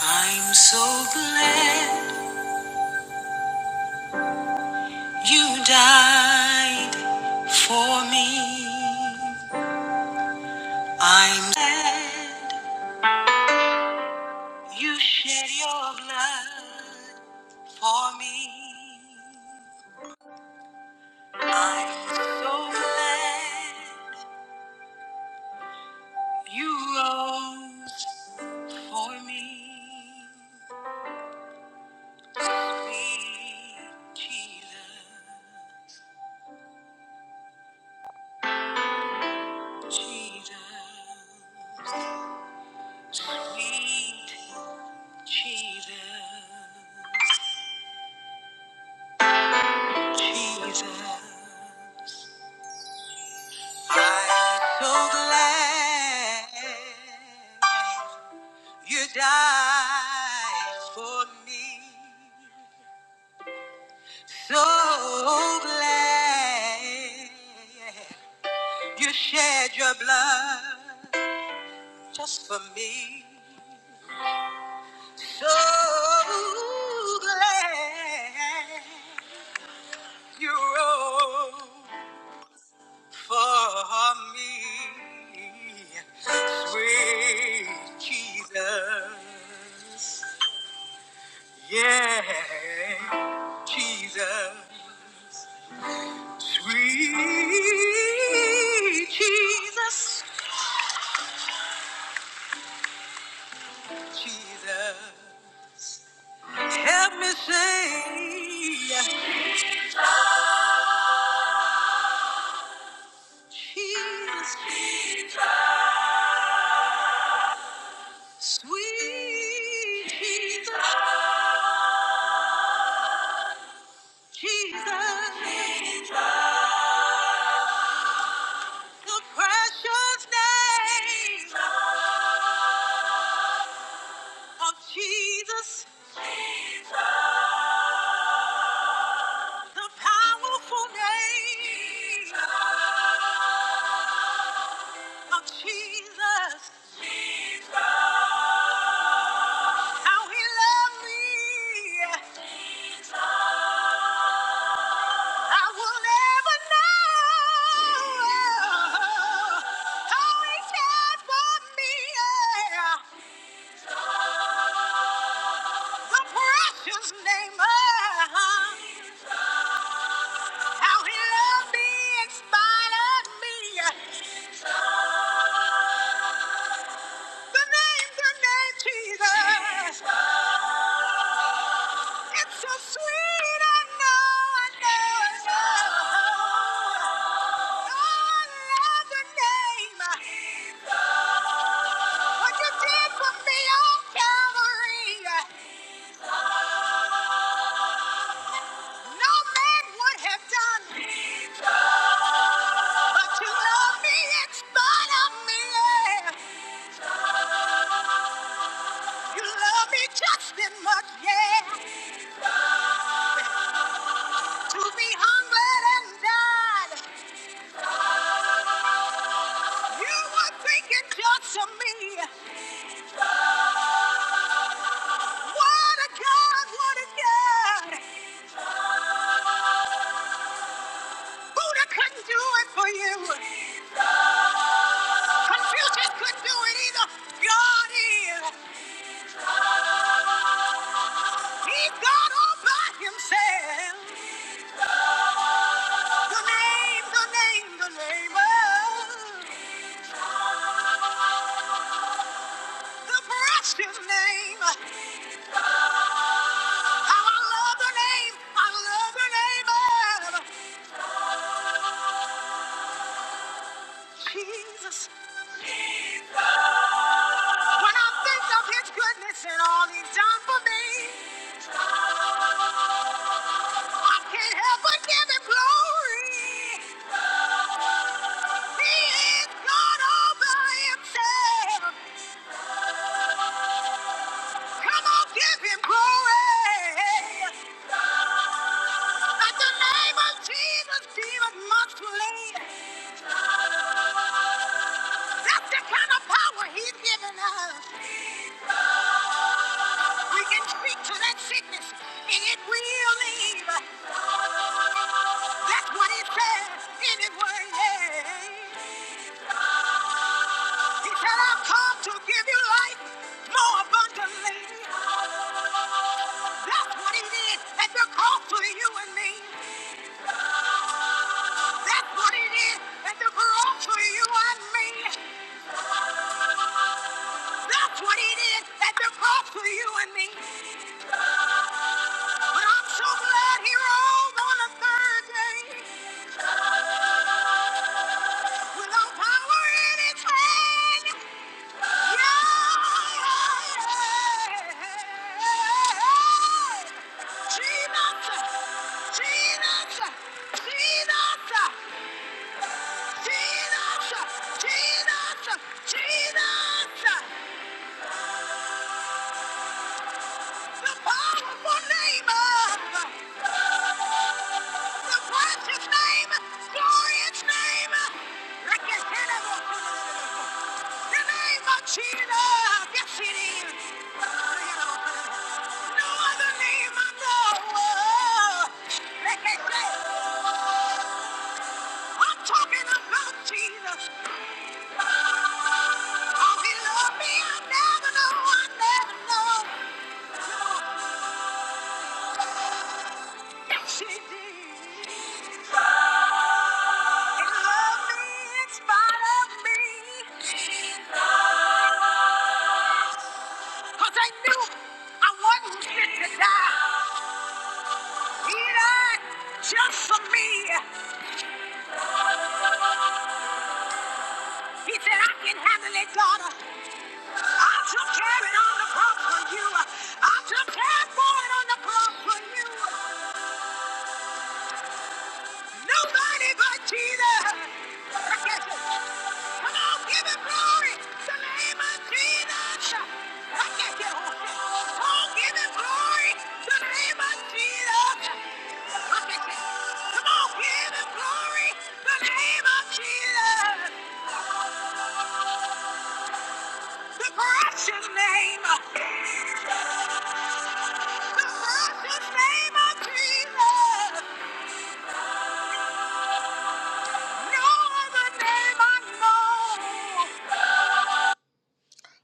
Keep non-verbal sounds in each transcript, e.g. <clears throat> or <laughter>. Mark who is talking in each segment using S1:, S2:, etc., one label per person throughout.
S1: I'm so glad you died for me. I'm glad you shed your blood for me. I'm so glad you rose for me. Sweet Jesus, Jesus, sweet Jesus. Jesus, I'm so glad you died for me. So glad you shed your blood just for me. So glad you rose. for me, sweet Jesus. Yeah, Jesus, sweet Jesus, Jesus. Help me say, Jesus, sweet Jesus, Jesus. The precious name of Jesus, the powerful name of Jesus, how he loved me, I will never know how he cared for me. The precious name of how he loved me, inspired me. The name, the name Jesus. It's so sweet. I know, I know, I know. Oh, I love the name. What you did for me on Calvary, no man would have done. But you love me in spite of me. Yeah. You love me just as much, yeah. To be hungered and died. You were thinking just of me. What a God, what a God. Buddha couldn't do it for you. Confucius couldn't do it either. God is. He's God all by himself. The name, the name, the name of the precious name. How I love the name. I love the name of Jesus. When I think of his goodness and all he's done for me. I can't help but give him glory. He is God all by himself. Come on, give him glory. At the name of Jesus, demon must flee. That's the kind of power he's given us. We can speak to that sickness and it will leave. That's what he said anyway. He said, I've come to give you life more abundantly. That's what it is at the cross to you and me. That's what it is at the cross to you and me. That's what it is at the cross to you and me. But I'm so glad he rose on the third day with all power in his hand. name Glorious name! Like a tenable. Your name, Martina! Yes, it is! No other name I know! I'm talking about Jesus! Oh, he loved me! I never know, I never know! Yes, he did! He loved me in spite of me! Because I knew I wasn't fit to die. He died just for me. He said, I can handle it, daughter. I took care of it on the cross for you. I took care for it on the cross for you. Nobody but Jesus. Come on, give him glory. The name of Jesus. Come on, give him glory. The name of Jesus. Come on, give him glory. The name of Jesus. The precious name. No other name I know.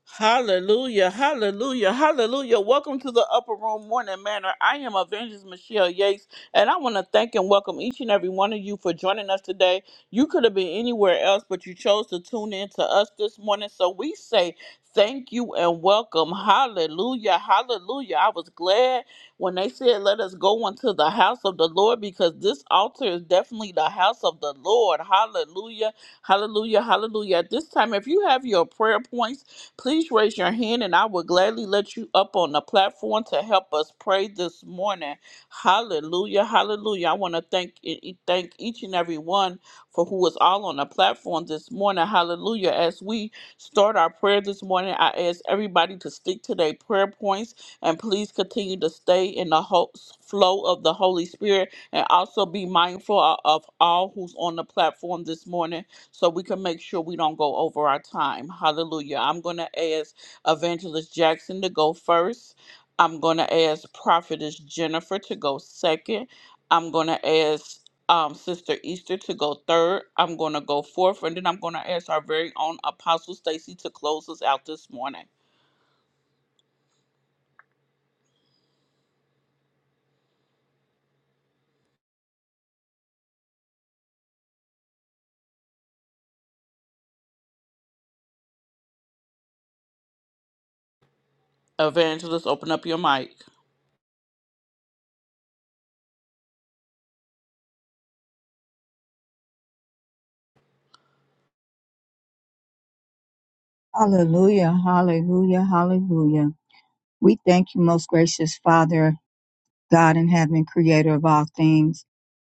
S1: Hallelujah, hallelujah, hallelujah. Welcome to the Upper Room Morning Manor. I am Evangelist Michelle Yates, and I want to thank and welcome each and every one of you for joining us today. You could have been anywhere else, but you chose to tune in to us this morning. So we say thank you and welcome. Hallelujah, hallelujah. I was glad when they said, Let us go into the house of the Lord because this altar is definitely the house of the Lord. Hallelujah, hallelujah, hallelujah. At this time, if you have your prayer points, Please raise your hand and I will gladly let you up on the platform to help us pray this morning. Hallelujah. Hallelujah. I want to thank e- e, thank each and every one for who is all on the platform this morning. Hallelujah. As we start our prayer this morning, I ask everybody to stick to their prayer points and please continue to stay in the ho- flow of the Holy Spirit and also be mindful of of all who's on the platform this morning so we can make sure we don't go over our time. Hallelujah. I'm going to ask Evangelist Jackson to go first. I'm going to ask Prophetess Jennifer to go second. I'm going to ask um, Sister Easter to go third. I'm going to go fourth. And then I'm going to ask our very own Apostle Stacy to close us out this morning. Evangelist, open up your mic.
S2: Hallelujah, hallelujah, hallelujah. We thank you, most gracious Father, God in heaven, creator of all things.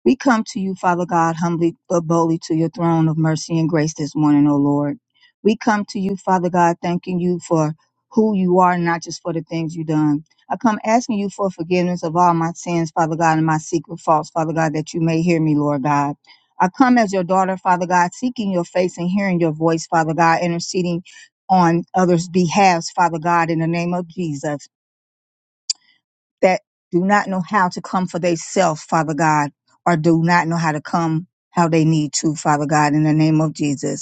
S2: We come to you, Father God, humbly but boldly to your throne of mercy and grace this morning, O Lord. We come to you, Father God, thanking you for who you are, not just for the things you've done. I come asking you for forgiveness of all my sins, Father God, and my secret faults, Father God, that you may hear me, Lord God. I come as your daughter, Father God, seeking your face and hearing your voice, Father God, interceding on others' behalves, Father God, in the name of Jesus that do not know how to come for themselves, Father God, or do not know how to come how they need to, Father God, in the name of Jesus.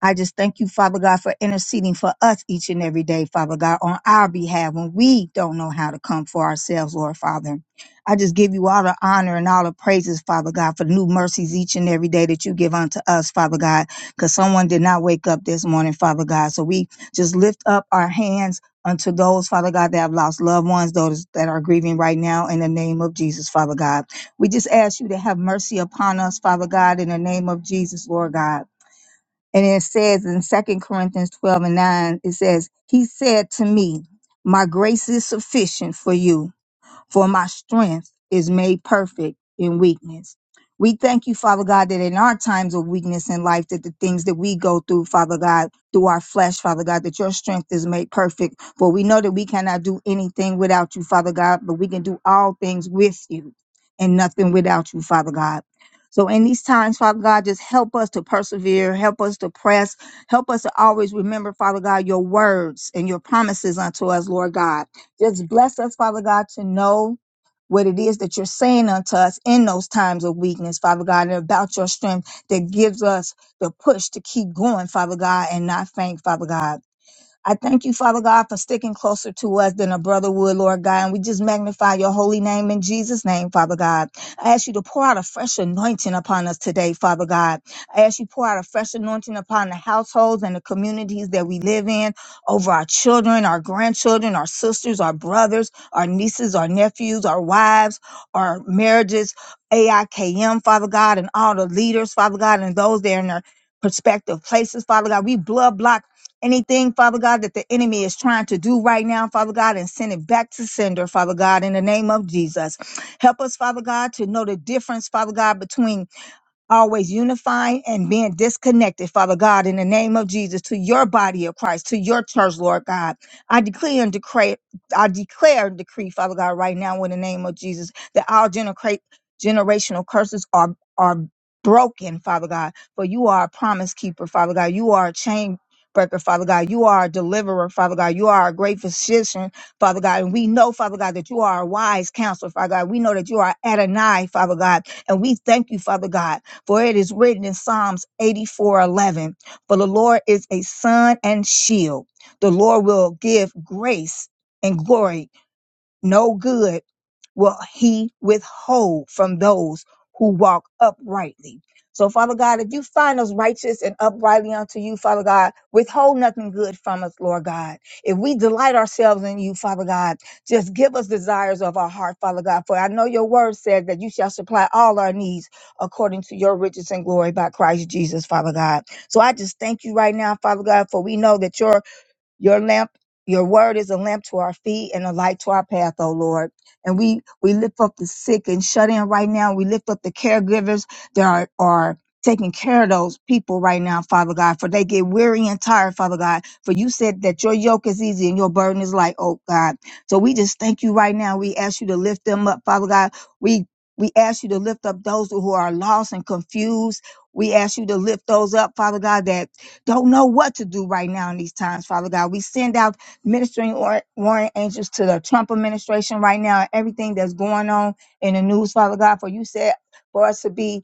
S2: I just thank you, Father God, for interceding for us each and every day, Father God, on our behalf when we don't know how to come for ourselves, Lord Father. I just give you all the honor and all the praises, Father God, for new mercies each and every day that you give unto us, Father God, because someone did not wake up this morning, Father God. So we just lift up our hands unto those, Father God, that have lost loved ones, those that are grieving right now, in the name of Jesus, Father God. We just ask you to have mercy upon us, Father God, in the name of Jesus, Lord God. And it says in Second Corinthians 12 and 9, it says, He said to me, My grace is sufficient for you for my strength is made perfect in weakness. We thank you, Father God, that in our times of weakness in life, that the things that we go through, Father God, through our flesh, Father God, that your strength is made perfect. For we know that we cannot do anything without you, Father God, but we can do all things with you and nothing without you, Father God. So in these times, Father God, just help us to persevere, help us to press, help us to always remember, Father God, your words and your promises unto us, Lord God. Just bless us, Father God, to know what it is that you're saying unto us in those times of weakness, Father God, and about your strength that gives us the push to keep going, Father God, and not faint, Father God. I thank you, Father God, for sticking closer to us than a brother would, Lord God. And we just magnify your holy name in Jesus' name, Father God. I ask you to pour out a fresh anointing upon us today, Father God. I ask you to pour out a fresh anointing upon the households and the communities that we live in, over our children, our grandchildren, our sisters, our brothers, our nieces, our nephews, our wives, our marriages, AIKM, Father God, and all the leaders, Father God, and those that are in their Perspective places, Father God. We blood block anything, Father God, that the enemy is trying to do right now, Father God, and send it back to sender, Father God, in the name of Jesus. Help us, Father God, to know the difference, Father God, between always unifying and being disconnected, Father God, in the name of Jesus, to your body of Christ, to your church, Lord God. I declare and decree, I declare and decree, Father God, right now in the name of Jesus, that our genera- generational curses are are broken, Father God. For you are a promise keeper, Father God. You are a chain breaker, Father God. You are a deliverer, Father God. You are a great physician, Father God. And we know, Father God, that you are a wise counselor, Father God. We know that you are Adonai, Father God. And we thank you, Father God. For it is written in Psalms 84 11, For the Lord is a sun and shield. The Lord will give grace and glory. No good will he withhold from those who walk uprightly. So, Father God, if you find us righteous and uprightly unto you, Father God, withhold nothing good from us, Lord God. If we delight ourselves in you, Father God, just give us desires of our heart, Father God. For I know your word says that you shall supply all our needs according to your riches and glory by Christ Jesus, Father God. So I just thank you right now, Father God, for we know that your your lamp, your word is a lamp to our feet and a light to our path, oh Lord. And we we lift up the sick and shut in right now. We lift up the caregivers that are are taking care of those people right now, Father God, for they get weary and tired, Father God. For you said that your yoke is easy and your burden is light, oh God. So we just thank you right now. We ask you to lift them up, Father God. We we ask you to lift up those who are lost and confused. We ask you to lift those up, Father God, that don't know what to do right now in these times, Father God. We send out ministering or warring angels to the Trump administration right now, everything that's going on in the news, Father God, for you said for us to be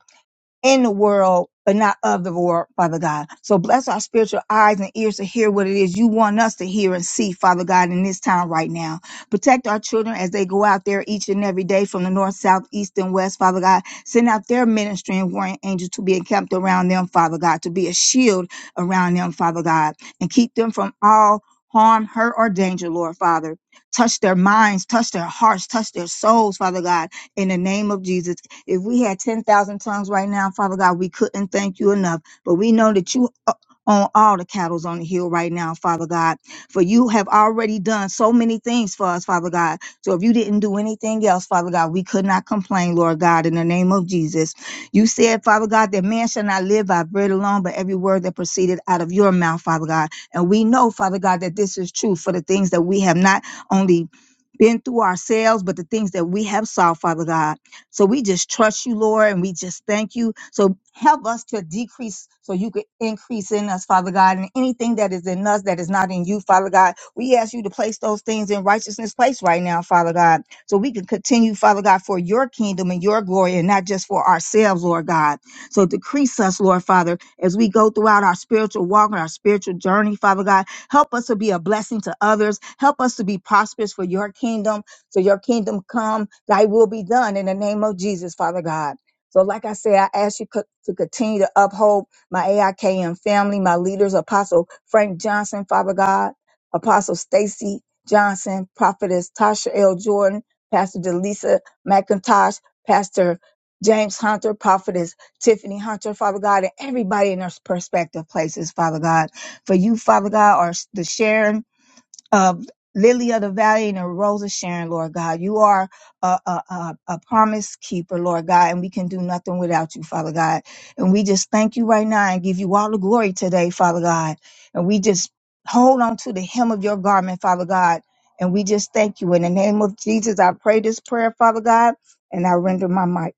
S2: in the world, but not of the world, Father God. So bless our spiritual eyes and ears to hear what it is you want us to hear and see, Father God, in this time right now. Protect our children as they go out there each and every day from the north, south, east, and west, Father God. Send out their ministry and warring angels to be encamped around them, Father God, to be a shield around them, Father God, and keep them from all harm, hurt, or danger, Lord Father. Touch their minds, touch their hearts, touch their souls, Father God in the name of Jesus. If we had 10,000 tongues right now, Father God, we couldn't thank you enough. But we know that you o- own all the cattle on the hill right now, Father God. For you have already done so many things for us, Father God. So if you didn't do anything else, Father God, we could not complain, Lord God, in the name of Jesus. You said, Father God, that man shall not live by bread alone, but every word that proceeded out of your mouth, Father God. And we know, Father God, that this is true for the things that we have not only been through ourselves, but the things that we have saw, Father God. So we just trust you, Lord, and we just thank you. So help us to decrease so you could increase in us, Father God, and anything that is in us that is not in you, Father God. We ask you to place those things in righteousness place right now, Father God, so we can continue, Father God, for your kingdom and your glory and not just for ourselves, Lord God. So decrease us, Lord Father, as we go throughout our spiritual walk and our spiritual journey, Father God Help us to be a blessing to others. Help us to be prosperous for your kingdom. So your kingdom come, thy will be done in the name of Jesus, Father God. So, like I said, I ask you co- to continue to uphold my AIKM family, my leaders, Apostle Frank Johnson, Father God, Apostle Stacy Johnson, Prophetess Tasha L. Jordan, Pastor Delisa McIntosh, Pastor James Hunter, Prophetess Tiffany Hunter, Father God, and everybody in their perspective places, Father God for you, Father God, are the Sharon, uh, Lily of the Valley and the Rose of Sharon, Lord God. You are a, a, a, a promise keeper, Lord God, and we can do nothing without you, Father God. And we just thank you right now and give you all the glory today, Father God. And we just hold on to the hem of your garment, Father God. And we just thank you. In the name of Jesus, I pray this prayer, Father God, and I render my mic.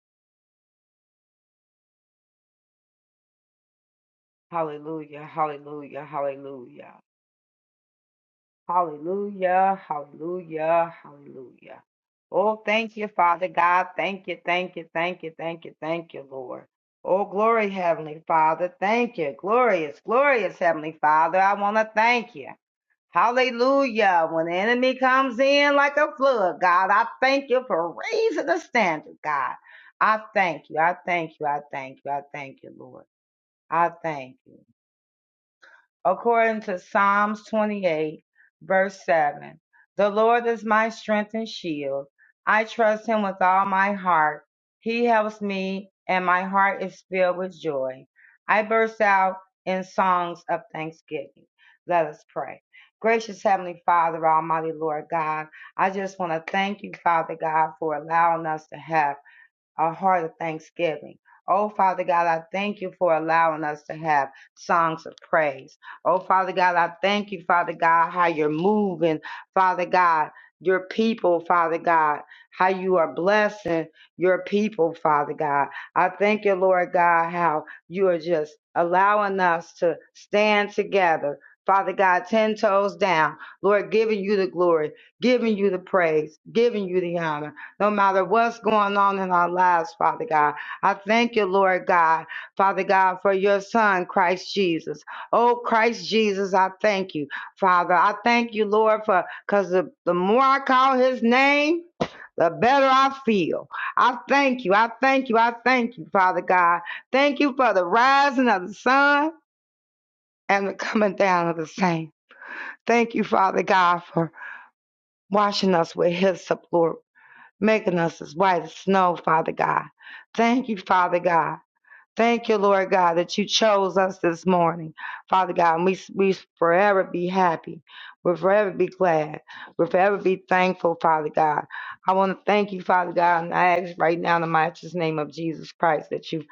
S3: Hallelujah, hallelujah, hallelujah. Hallelujah, hallelujah, hallelujah. Oh, thank you, Father God. Thank you, thank you, thank you, thank you, thank you, Lord. Oh, glory, Heavenly Father. Thank you. Glorious, glorious, Heavenly Father. I want to thank you. Hallelujah. When the enemy comes in like a flood, God, I thank you for raising the standard, God. I thank you. I thank you. I thank you. I thank you, Lord. I thank you. according to Psalms 28, verse 7. The Lord is my strength and shield. I trust him with all my heart. He helps me, and my heart is filled with joy. I burst out in songs of thanksgiving. Let us pray. Gracious Heavenly Father, Almighty Lord God, I just want to thank you, Father God, for allowing us to have a heart of thanksgiving. Oh, Father God, I thank you for allowing us to have songs of praise. Oh, Father God, I thank you, Father God, how you're moving, Father God, your people, Father God, how you are blessing your people, Father God. I thank you, Lord God, how you are just allowing us to stand together. Father God, 10 toes down, Lord, giving you the glory, giving you the praise, giving you the honor no matter what's going on in our lives, Father God. I thank you, Lord God, Father God, for your Son, Christ Jesus. Oh, Christ Jesus, I thank you, Father. I thank you, Lord, for because the, the more I call his name, the better I feel. I thank you. I thank you. I thank you, Father God. Thank you for the rising of the sun and the coming down of the same. Thank you, Father God, for washing us with his making us as white as snow, Father God. Thank you, Father God. Thank you, Lord God, that you chose us this morning, Father God. And we we forever be happy. We'll forever be glad. We'll forever be thankful, Father God. I want to thank you, Father God, and I ask right now in the mighty name of Jesus Christ that you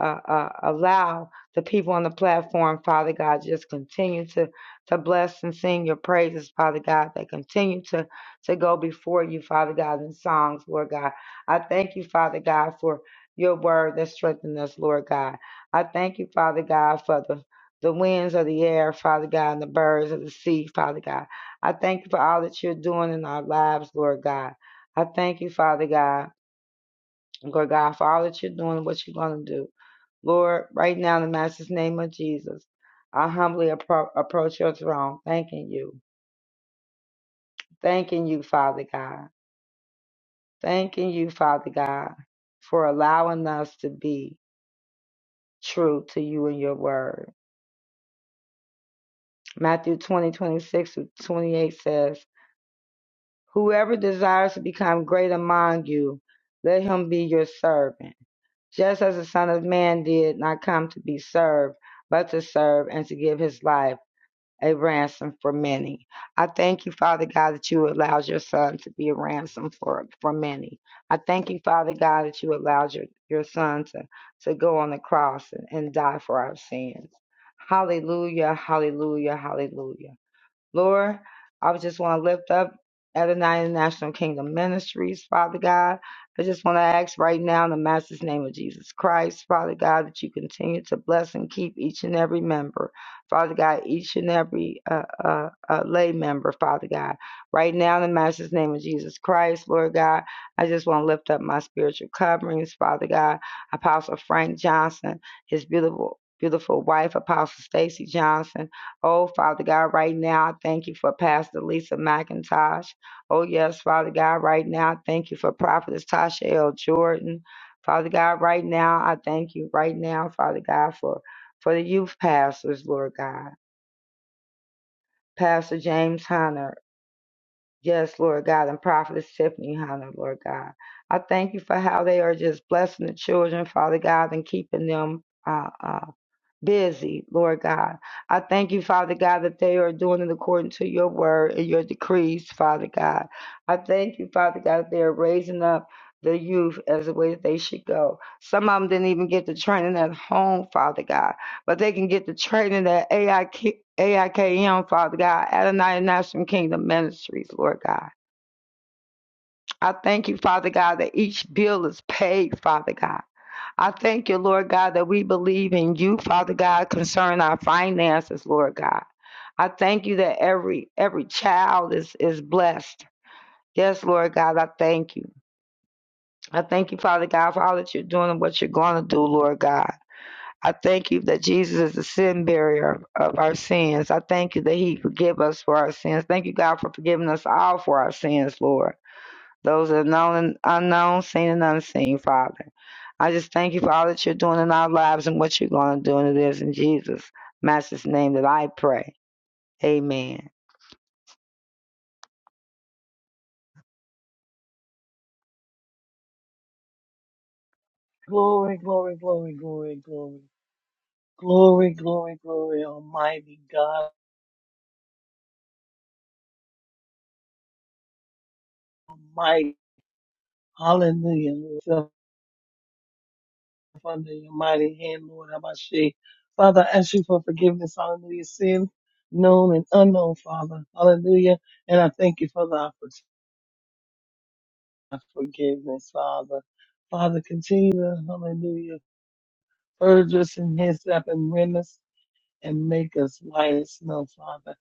S3: uh, uh, allow the people on the platform, Father God, just continue to to bless and sing your praises, Father God. That continue to to go before you, Father God, in songs, Lord God. I thank you, Father God, for your word that strengthens us, Lord God. I thank you, Father God, for the, the winds of the air, Father God, and the birds of the sea, Father God. I thank you for all that you're doing in our lives, Lord God. I thank you, Father God, Lord God, for all that you're doing and what you're going to do. Lord, right now in the Master's name of Jesus, I humbly appro- approach your throne, thanking you. Thanking you, Father God. Thanking you, Father God, for allowing us to be true to you and your word. Matthew twenty twenty six 26 to 28 says, Whoever desires to become great among you, let him be your servant. Just as the Son of Man did not come to be served, but to serve and to give his life a ransom for many. I thank you, Father God, that you allowed your son to be a ransom for, for many. I thank you, Father God, that you allowed your, your son to, to go on the cross and, and die for our sins. Hallelujah, hallelujah, hallelujah. Lord, I just want to lift up Adonai International Kingdom Ministries, Father God. I just want to ask right now in the Master's name of Jesus Christ, Father God, that you continue to bless and keep each and every member, Father God, each and every uh, uh, uh, lay member, Father God. Right now in the Master's name of Jesus Christ, Lord God, I just want to lift up my spiritual coverings, Father God, Apostle Frank Johnson, his beautiful, beautiful wife, Apostle Stacy Johnson. Oh, Father God, right now, I thank you for Pastor Lisa McIntosh. Oh, yes, Father God, right now, I thank you for Prophetess Tasha L. Jordan. Father God, right now, I thank you right now, Father God, for, for the youth pastors, Lord God. Pastor James Hunter, yes, Lord God, and Prophetess Tiffany Hunter, Lord God. I thank you for how they are just blessing the children, Father God, and keeping them. uh, uh, busy, Lord God. I thank you, Father God, that they are doing it according to your word and your decrees, Father God. I thank you, Father God, that they are raising up the youth as the way that they should go. Some of them didn't even get the training at home, Father God, but they can get the training at AIK, AIKM, Father God, Adonai National Kingdom Ministries, Lord God. I thank you, Father God, that each bill is paid, Father God. I thank you, Lord God, that we believe in you, Father God, concerning our finances, Lord God. I thank you that every every child is is blessed. Yes, Lord God, I thank you. I thank you, Father God, for all that you're doing and what you're going to do, Lord God. I thank you that Jesus is the sin barrier of our sins. I thank you that He forgive us for our sins. Thank you, God, for forgiving us all for our sins, Lord those are known and unknown, seen and unseen, Father. I just thank you for all that you're doing in our lives and what you're going to do, and it is in Jesus' Master's name that I pray. Amen.
S4: Glory, glory, glory, glory, glory, glory, glory, glory, Almighty God, Almighty, Hallelujah. Yourself Under your mighty hand, Lord, Abashi. Father, I ask you for forgiveness, Hallelujah, sins known and unknown, Father, Hallelujah. And I thank you for the opportunity of forgiveness, Father. Father, continue to, Hallelujah, purge us and hyssop and rend us. and make us white as snow, Father.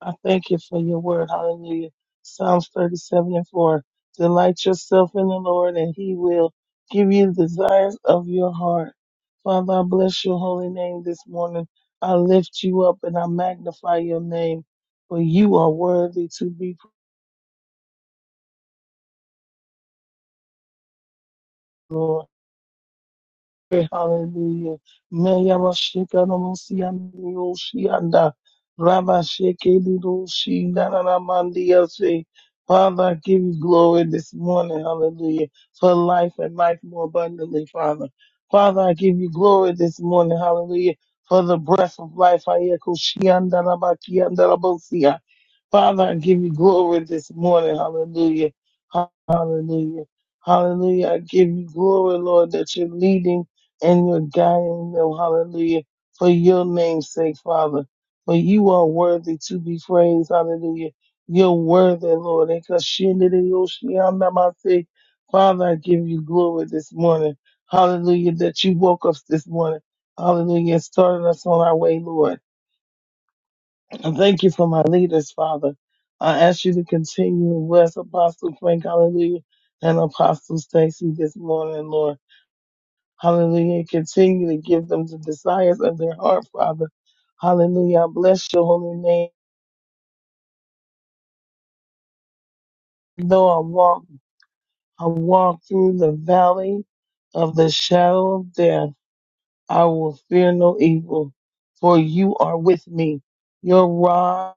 S4: I thank you for your word. Hallelujah. Psalms 37 and 4. Delight yourself in the Lord, and he will give you the desires of your heart. Father, I bless your holy name this morning. I lift you up and I magnify your name, for you are worthy to be, praised, Lord. Hallelujah. Meya bashika no musi andiro shi anda. Rabba sheke diro shi nanana mandia se. Father, I give you glory this morning. Hallelujah. For life and life more abundantly, Father. Father, I give you glory this morning. Hallelujah. For the breath of life. Ayeko shi anda rabaki rabosia. Father, I give you glory this morning. Hallelujah. Hallelujah. Hallelujah. I give you glory, Lord, that you're leading and you're guiding them. Hallelujah. For your name's sake, Father. For you are worthy to be praised. Hallelujah. You're worthy, Lord. And 'cause she did it, oh, she am them, I say, Father, I give you glory this morning. Hallelujah. That you woke us this morning. Hallelujah. And started us on our way, Lord. I thank you for my leaders, Father. I ask you to continue and bless Apostle Frank, hallelujah, and Apostle Stacy this morning, Lord. Hallelujah. Continue to give them the desires of their heart, Father. Hallelujah. I bless your holy name. Though I walk, I walk through the valley of the shadow of death, I will fear no evil, for you are with me. Your rod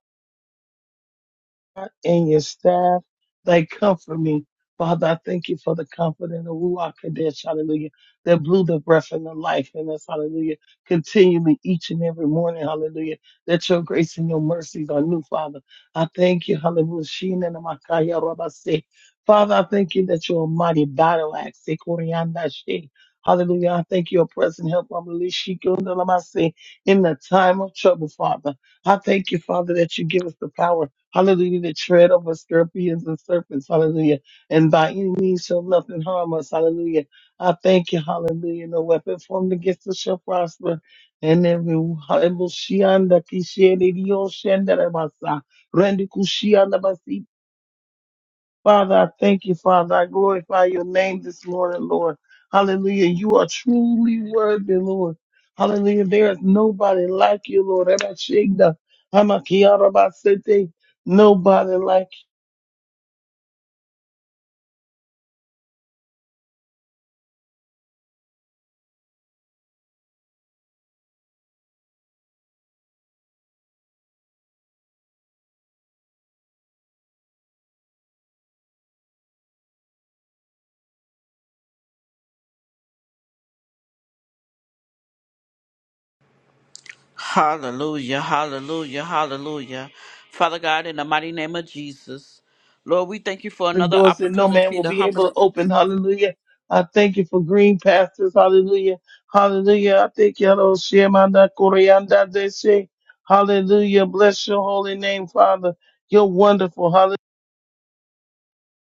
S4: and your staff. They comfort me. Father, I thank you for the comfort in the Ruach Kadesh, hallelujah, that blew the breath and the life in us, hallelujah, continually each and every morning, hallelujah, that your grace and your mercies are new, Father. I thank you, hallelujah. Shina na makaya rabase. Father, I thank you that you're a mighty battle axe. eh, Koryanda she. Hallelujah. I thank you, your present help, hallelujah, shikunda lamase, in the time of trouble, Father. I thank you, Father, that you give us the power Hallelujah. To tread over scorpions and serpents. Hallelujah. And by any means shall nothing harm us. Hallelujah. I thank you. Hallelujah. No weapon formed against us shall prosper. And every hallelujah. shianda kishende dio shende rebasa. Rendi kushianda basi. Father, I thank you, Father. I glorify your name this morning, Lord. Hallelujah. You are truly worthy, Lord. Hallelujah. There is nobody like you, Lord. Ever shigda. Hamakiarabasete. Nobody like
S1: Hallelujah, hallelujah, hallelujah. Father God, in the mighty name of Jesus, Lord, we thank you for
S4: and
S1: another
S4: doors that no man
S1: opportunity
S4: will
S1: to
S4: be able to
S1: humbly
S4: open. Hallelujah. I thank you for green pastures. Hallelujah. Hallelujah. I thank you. Lord. Shemanda koreanda deshe. Hallelujah. Bless your holy name, Father. You're wonderful. Hallelujah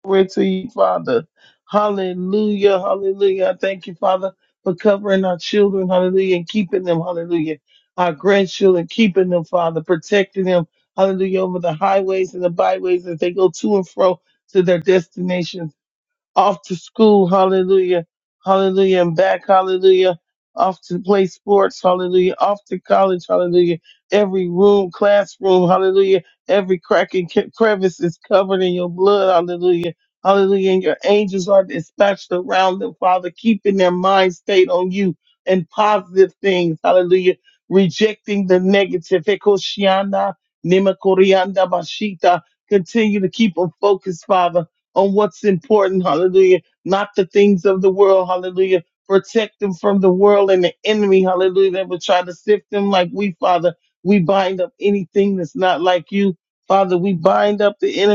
S4: Glory to you, Father. Hallelujah. Hallelujah. I thank you, Father, for covering our children. Hallelujah. And keeping them. Hallelujah. Our grandchildren, keeping them, Father, protecting them. Hallelujah. Over the highways and the byways as they go to and fro to their destinations off to school, hallelujah, hallelujah, and back, hallelujah, off to play sports, hallelujah, off to college, hallelujah. Every room, classroom, hallelujah, every crack and cre- crevice is covered in your blood, hallelujah, hallelujah. And your angels are dispatched around them, Father, keeping their mind state on you and positive things, hallelujah, rejecting the negative. Ekoshiana, Nimakorianda Bashita. Continue to keep them focused, Father on what's important, hallelujah, not the things of the world, hallelujah. Protect them from the world and the enemy, hallelujah, that will try to sift them like we, Father. We bind up anything that's not like you, Father. We bind up the enemy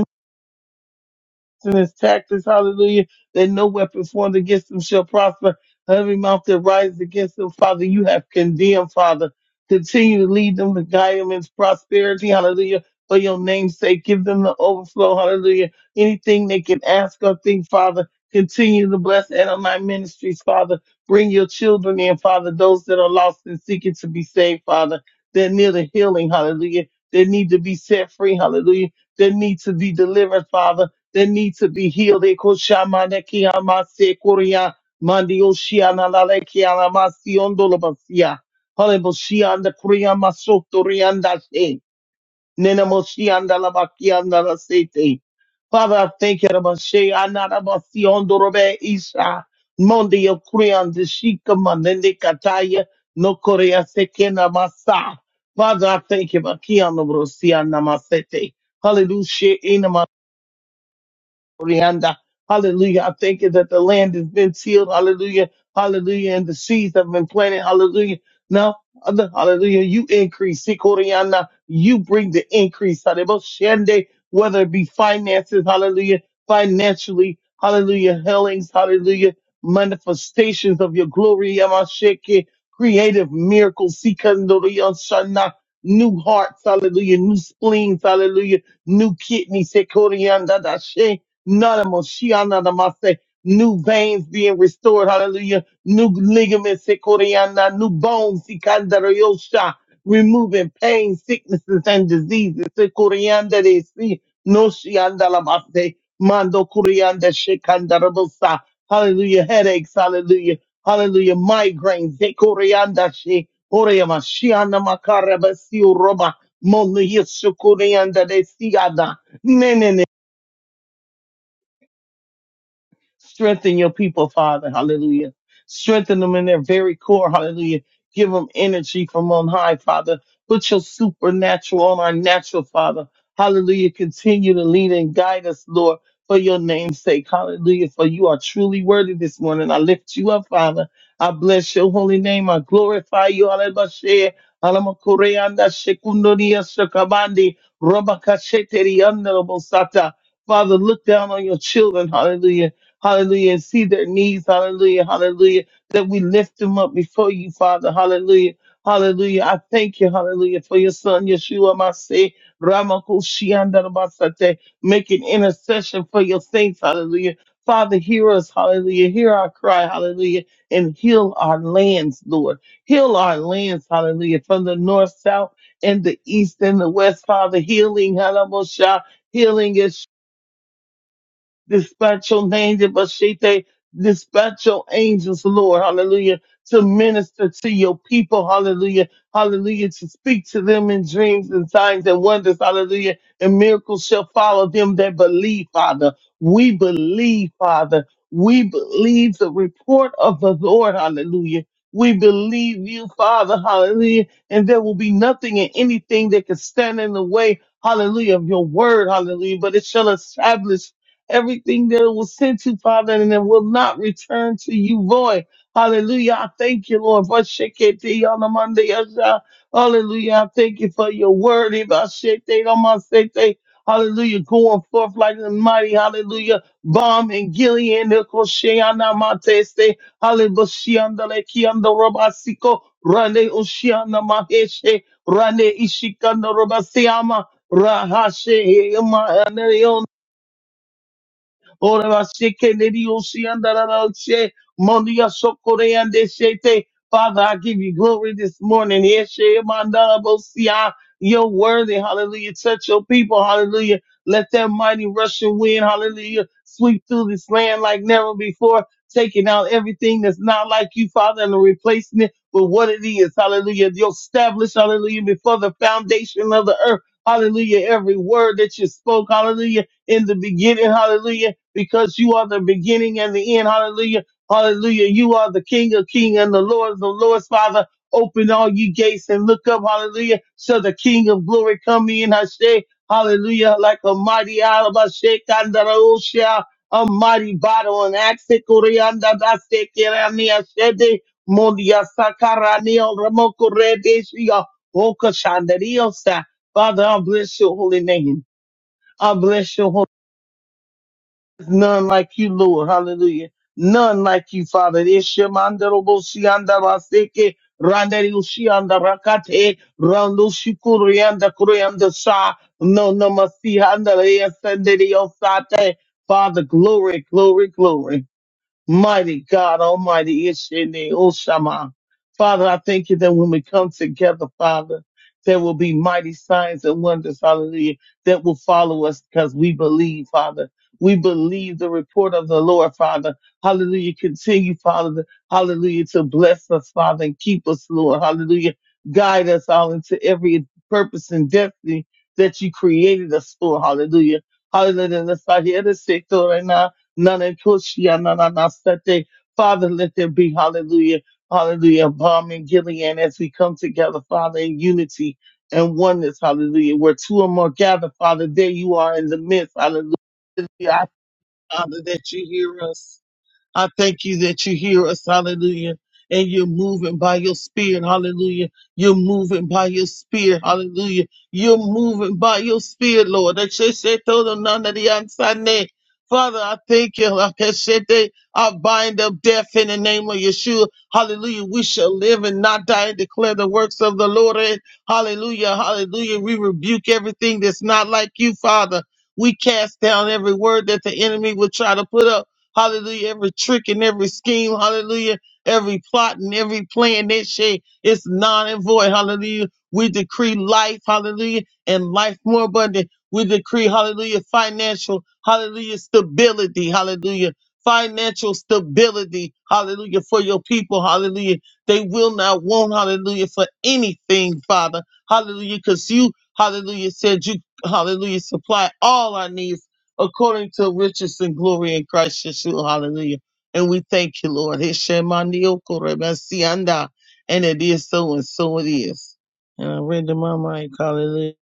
S4: and his tactics, hallelujah, that no weapon formed against them shall prosper. Every mouth that rises against them, Father, you have condemned, Father. Continue to lead them to guide them in prosperity, hallelujah, for your name's sake. Give them the overflow, hallelujah. Anything they can ask or think, Father, continue to bless and on my ministries, Father. Bring your children in, Father, those that are lost and seeking to be saved, Father. That need a healing, hallelujah. They need to be set free, hallelujah. That need to be delivered, Father that need to be healed. Eko shamane kiyamase korea mandio shiana lale kiyamasi ondolobasia. Halebo shianda korea masoto rianda she. Nena mo shianda labakianda la sete. Father, I thank you, Rabashe, Anarabasi, Ondorobe, Isha, Mondio, Korean, the Shikaman, and the Kataya, no Korea, Sekena, Masa. Father, I thank you, Bakian, Rosia, Namasete. Hallelujah, Rihanna. Hallelujah. I thank you that the land has been sealed. Hallelujah. Hallelujah. And the seeds have been planted. Hallelujah. Now, other- hallelujah. You increase. Sikoriana. You bring the increase. Hallelujah. Whether it be finances. Hallelujah. Financially. Hallelujah. Healings. Hallelujah. Manifestations of your glory. Yamasheke. Creative miracles. Sikandoriana. New hearts. Hallelujah. New spleens. Hallelujah. New kidneys. Sikoriana. None of them, Shiana, the Mase, new veins being restored, hallelujah, new ligaments, Sikoriana, new bones, Sikandariosha, removing pain, sicknesses, and diseases, Sikorianda, de Si, no Shianda, la Mase, Mando Kurianda, Shikandarabosa, hallelujah, headaches, hallelujah, hallelujah, migraines, Sikorianda, She, Orema, Shiana, Makarabasi, Roba, Monu, Yesukurianda, de Siada, Strengthen your people, Father. Hallelujah. Strengthen them in their very core. Hallelujah. Give them energy from on high, Father. Put your supernatural on our natural, Father. Hallelujah. Continue to lead and guide us, Lord, for your name's sake. Hallelujah. For you are truly worthy this morning. I lift you up, Father. I bless your holy name. I glorify you. Hallelujah. Alamakoreanda shekundoria shakabandi. Robakasheteri andalabosata. Father, look down on your children. Hallelujah hallelujah, and see their needs, hallelujah, hallelujah, that we lift them up before you, Father, hallelujah, hallelujah. I thank you, hallelujah, for your son, Yeshua, my say, Ramakushiandarabasate, making intercession for your saints, hallelujah. Father, hear us, hallelujah, hear our cry, hallelujah, and heal our lands, Lord. Heal our lands, hallelujah, from the north, south, and the east and the west, Father, healing, hallelujah. Healing is dispatch your angel, Bashite, dispatch your angels, Lord, hallelujah, to minister to your people, hallelujah, hallelujah, to speak to them in dreams and signs and wonders, hallelujah, and miracles shall follow them that believe, Father. We believe, Father. We believe the report of the Lord, hallelujah. We believe you, Father, hallelujah, and there will be nothing and anything that can stand in the way, hallelujah, of your word, hallelujah, but it shall establish everything that it was sent to, Father, and it will not return to you void. Hallelujah. I thank you, Lord. for Shekete Yasha. Hallelujah. I thank you for your word. Ibashete on Hallelujah. Going forth like the mighty. Hallelujah. Bomb and Gilead. Nikosheana Mateste. Halibashiandale Kiando Robasiko. Rande Ushiana Maheshe. Rande Ishikando Robasiama. Rahashe. Ora sheke lady oshiandarashe mondia sokoreande shete. Father, I give you glory this morning. Eshe mandarabosia. You're worthy, hallelujah. Touch your people, hallelujah. Let that mighty Russian wind, hallelujah, sweep through this land like never before, taking out everything that's not like you, Father, and replacing it with what it is, hallelujah. You're established, hallelujah, before the foundation of the earth, hallelujah. Every word that you spoke, hallelujah, in the beginning, hallelujah because you are the beginning and the end. Hallelujah. Hallelujah. You are the King of kings and the Lord of the Lord's Father. Open all you gates and look up. Hallelujah. So the King of glory come in. I say, hallelujah. Like a mighty alaba shake under the ocean, a mighty bottle and axe. Koreanda da se kerani ashede. Mondia sakarani o ramoko Oka shandario sa. Father, I bless your holy name. I bless your holy None like you, Lord. Hallelujah. None like you, Father. Ishimandarobosiandaraseke, randarushiandarakate, randushikuriandakuriyandasa, no namasihandare, ascendere osate. Father, glory, glory, glory. Mighty God, Almighty Ishene Oshama. Father, I thank you that when we come together, Father, there will be mighty signs and wonders, hallelujah, that will follow us because we believe, Father. We believe the report of the Lord, Father. Hallelujah. Continue, Father, hallelujah, to bless us, Father, and keep us, Lord. Hallelujah. Guide us all into every purpose and destiny that you created us for. Hallelujah. Hallelujah. Let's start here to say, right now. Nanekushyananasete. Father, let there be, hallelujah, hallelujah, bomb in Gilead as we come together, Father, in unity and oneness, hallelujah. Where two or more gather, Father, there you are in the midst, hallelujah. I, Father, that you hear us. I thank you that you hear us, hallelujah, and you're moving by your spirit, hallelujah. You're moving by your spirit, hallelujah. You're moving by your spirit, Lord. That she said, "Throw them none of the outside net." Father, I thank you. Like I said, they- I bind up death in the name of Yeshua. Hallelujah. We shall live and not die and declare the works of the Lord. Hallelujah. Hallelujah. We rebuke everything that's not like you, Father. We cast down every word that the enemy would try to put up. Hallelujah. Every trick and every scheme. Hallelujah. Every plot and every plan that shit is non and void. Hallelujah. We decree life. Hallelujah. And life more abundant. We decree, hallelujah, financial, hallelujah, stability. Hallelujah. Financial stability. Hallelujah. For your people. Hallelujah. They will not want, hallelujah, for anything, Father. Hallelujah. Because you, hallelujah, said you, hallelujah, supply all our needs according to riches and glory in Christ Yeshua. Hallelujah. And we thank you, Lord. Hishemaniyokorebasianda. And it is so, and so it is. And I render my mic. Hallelujah.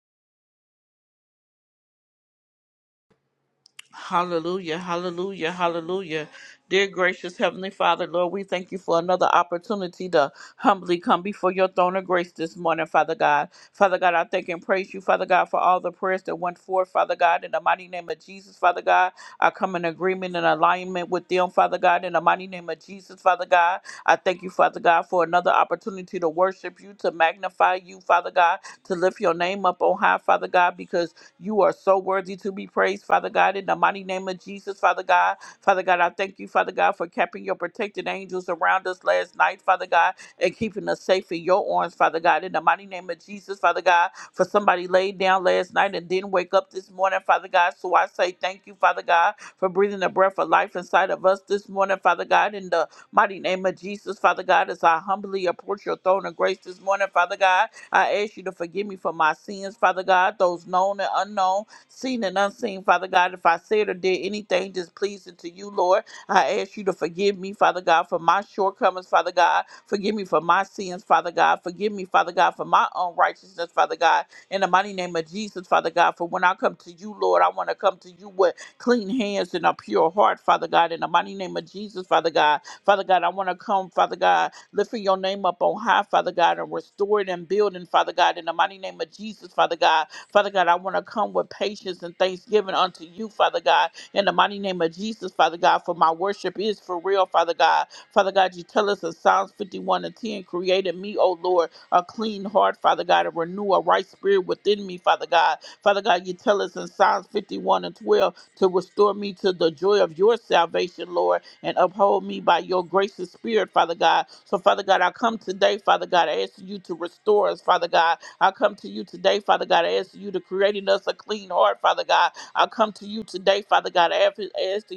S1: Hallelujah, hallelujah, hallelujah. Dear gracious Heavenly Father, Lord, we thank you for another opportunity to humbly come before your throne of grace this morning, Father God. Father God, I thank and praise you, Father God, for all the prayers that went forth, Father God, in the mighty name of Jesus, Father God. I come in agreement and alignment with them, Father God, in the mighty name of Jesus, Father God. I thank you, Father God, for another opportunity to worship you, to magnify you, Father God, to lift your name up on high, Father God, because you are so worthy to be praised, Father God, in the mighty name of Jesus, Father God. Father God, I thank you, Father God, for keeping your protected angels around us last night, Father God, and keeping us safe in your arms, Father God, in the mighty name of Jesus, Father God, for somebody laid down last night and didn't wake up this morning, Father God. So I say thank you, Father God, for breathing the breath of life inside of us this morning, Father God, in the mighty name of Jesus, Father God, as I humbly approach your throne of grace this morning, Father God. I ask you to forgive me for my sins, Father God, those known and unknown, seen and unseen, Father God. If I said or did anything displeasing to you, Lord, I ask you to forgive me, Father God, for my shortcomings, Father God. Forgive me for my sins, Father God. Forgive me, Father God, for my unrighteousness, Father God. In the mighty name of Jesus, Father God, for when I come to you, Lord, I want to come to you with clean hands and a pure heart, Father God. In the mighty name of Jesus, Father God. Father God, I want to come, Father God lifting your name up on high, Father God, and restoring and building, Father God, in the mighty name of Jesus, Father God. Father God, I want to come with patience and thanksgiving unto you, Father God, in the mighty name of Jesus, Father God, for my worship is for real, Father God. Father God, you tell us in Psalms 51 and 10, create in me, O Lord, a clean heart, Father God, and renew a right spirit within me, Father God. Father God, you tell us in Psalms 51 and 12, to restore me to the joy of your salvation, Lord, and uphold me by your gracious spirit, Father God. So, Father God, I come today, Father God, asking you to restore us, Father God. I come to you today, Father God, asking you to create in us a clean heart, Father God. I come to you today, Father God, asking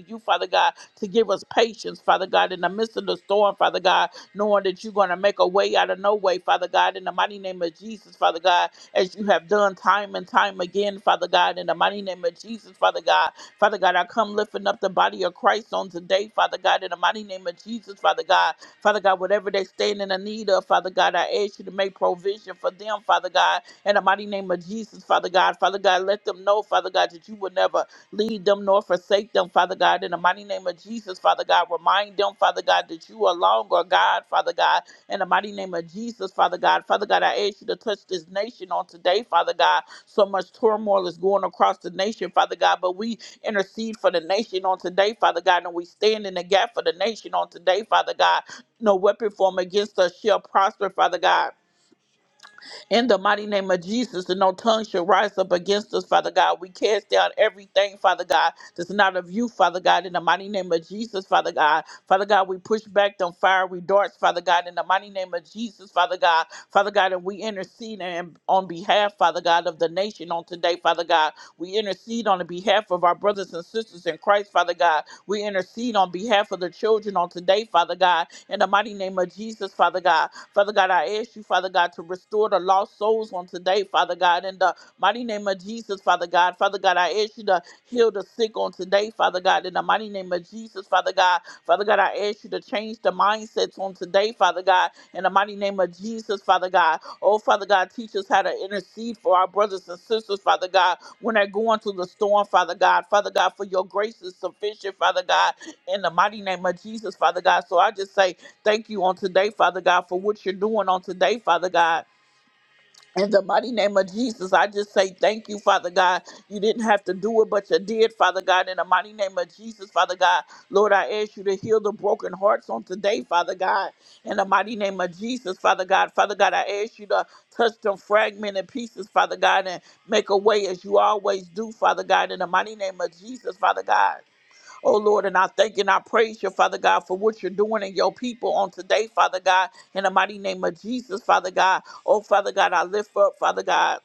S1: you, Father God, to give us patience, Father God, in the midst of the storm, Father God, knowing that you're going to make a way out of no way, Father God, in the mighty name of Jesus, Father God, as you have done time and time again, Father God, in the mighty name of Jesus, Father God. Father God, I come lifting up the body of Christ on today, Father God, in the mighty name of Jesus, Father God. Father God, whatever they stand in the need of, Father God, I ask you to make provision for them, Father God, in the mighty name of Jesus, Father God. Father God, let them know, Father God, that you will never lead them nor forsake them, Father God, in the mighty name of Jesus, Father God. Remind them, Father God, that you are longer, God, Father God, in the mighty name of Jesus, Father God. Father God, I ask you to touch this nation on today, Father God. So much turmoil is going across the nation, Father God, but we intercede for the nation on today, Father God. And we stand in the gap for the nation on today, Father God. No weapon formed against us shall prosper, Father God. In the mighty name of Jesus, and no tongue shall rise up against us, Father God. We cast down everything, Father God, that's not of you, Father God. In the mighty name of Jesus, Father God. Father God, we push back them fiery darts, Father God. In the mighty name of Jesus, Father God. Father God, and we intercede and on behalf, Father God, of the nation teaching on today, Father God. We intercede on the behalf of our brothers and sisters in Christ, Father God. We intercede on behalf of the children on today, Father God. In the mighty name of Jesus, Father God. Father God, I ask you, Father God, to restore the lost souls on today, Father God. In the mighty name of Jesus, Father God. Father God, I ask you to Heal the sick on today, Father God, in the mighty name of Jesus, Father God. Father God, I ask you to change the mindsets on today, Father God, in the mighty name of Jesus, Father God. Oh, Father God, teach us how to intercede for our brothers and sisters, Father God, when they're going through the storm, Father God. Father God, for your grace is sufficient, Father God, in the mighty name of Jesus, Father God. So I just say thank you on today, Father God, for what you're doing on today, Father God. In the mighty name of Jesus, I just say thank you, Father God. You didn't have to do it, but you did, Father God. In the mighty name of Jesus, Father God, Lord, I ask you to heal the broken hearts on today, Father God. In the mighty name of Jesus, Father God, Father God, I ask you to touch them fragmented pieces, Father God, and make a way as you always do, Father God. In the mighty name of Jesus, Father God. Oh Lord, and I thank you and I praise you, Father God, for what you're doing in your people on today, Father God, in the mighty name of Jesus, Father God. Oh, Father God, I lift up, Father God.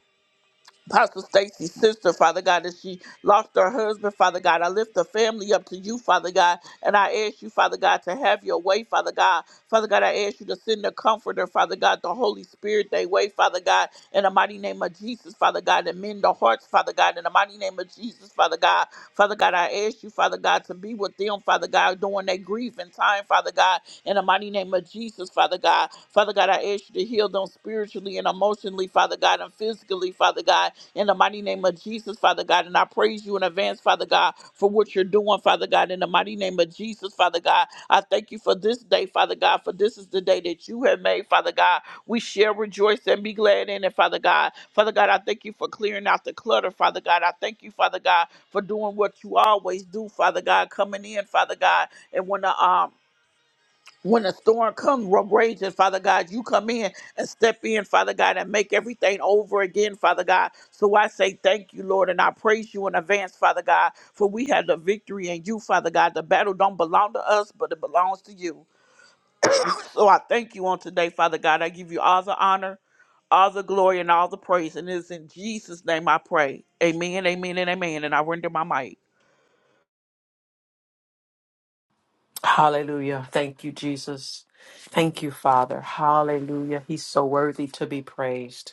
S1: Apostle Stacy's sister, Father God, as she lost her husband, Father God. I lift the family up to you, Father God, and I ask you, Father God, to have your way, Father God. Father God, I ask you to send the comforter, Father God, the Holy Spirit, they way, Father God, in the mighty name of Jesus, Father God, and mend the hearts, Father God, in the mighty name of Jesus, Father God. Father God, I ask you, Father God, to be with them, Father God, during their grieving time, Father God, in the mighty name of Jesus, Father God. Father God, I ask you to heal them spiritually and emotionally, Father God, and physically, Father God, in the mighty name of Jesus, Father God. And I praise you in advance, Father God, for what you're doing, Father God, in the mighty name of Jesus, Father God. I thank you for this day, Father God, for this is the day that you have made, Father God. We shall rejoice and be glad in it, Father God. Father God, I thank you for clearing out the clutter, Father God. I thank you, Father God, for doing what you always do, Father God, coming in, Father God. And when the um when the storm comes, rages, Father God, you come in and step in, Father God, and make everything over again, Father God. So I say thank you, Lord, and I praise you in advance, Father God, for we have the victory in you, Father God. The battle don't belong to us, but it belongs to you. <clears throat> So I thank you on today, Father God. I give you all the honor, all the glory, and all the praise. And it is in Jesus' name I pray. Amen, amen, and amen. And I render my mic.
S5: Hallelujah. Thank you, Jesus. Thank you, Father. Hallelujah. He's so worthy to be praised.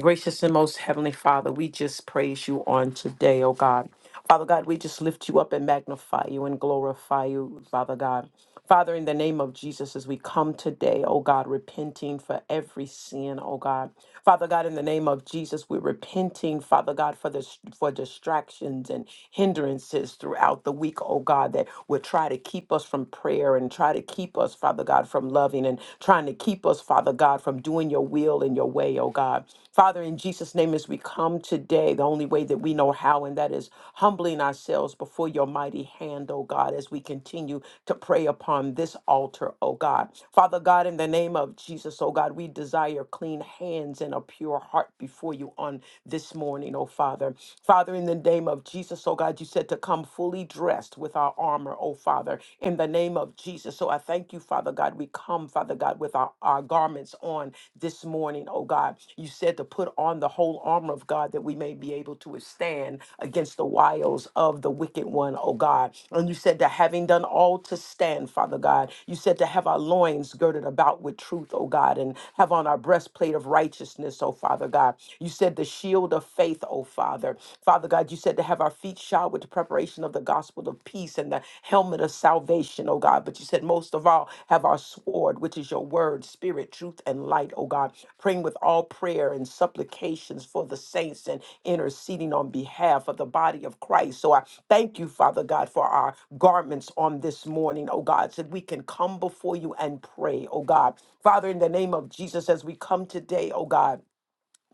S5: Gracious and most heavenly Father, we just praise you on today, oh God. Father God, we just lift you up and magnify you and glorify you, Father God. Father, in the name of Jesus, as we come today, oh God, repenting for every sin, oh God. Father God, in the name of Jesus, we're repenting, Father God, for this for distractions and hindrances throughout the week, oh God, that would try to keep us from prayer and try to keep us, Father God, from loving and trying to keep us, Father God, from doing your will and your way, oh God. Father, in Jesus' name, as we come today, the only way that we know how, and that is humbling ourselves before your mighty hand, oh God, as we continue to pray upon this altar, oh God. Father God, in the name of Jesus, oh God, we desire clean hands and a pure heart before you on this morning, oh Father. Father, in the name of Jesus, oh God, you said to come fully dressed with our armor, oh oh Father, in the name of Jesus. So I thank you, Father God. We come, Father God, with our, our garments on this morning, oh God. You said to put on the whole armor of God that we may be able to withstand against the wiles of the wicked one, oh God. And you said that having done all to stand, Father God, you said to have our loins girded about with truth, oh God, and have on our breastplate of righteousness, oh Father God. You said the shield of faith, oh Father. Father God, God, you said to have our feet shod with the preparation of the gospel of peace and the helmet of salvation, oh God. But you said most of all, have our sword, which is your word, spirit, truth, and light, oh God. Praying with all prayer and supplications for the saints and interceding on behalf of the body of Christ. So I thank you, Father God, for our garments on this morning, oh God, so that we can come before you and pray, oh God. Father, in the name of Jesus, as we come today, oh God.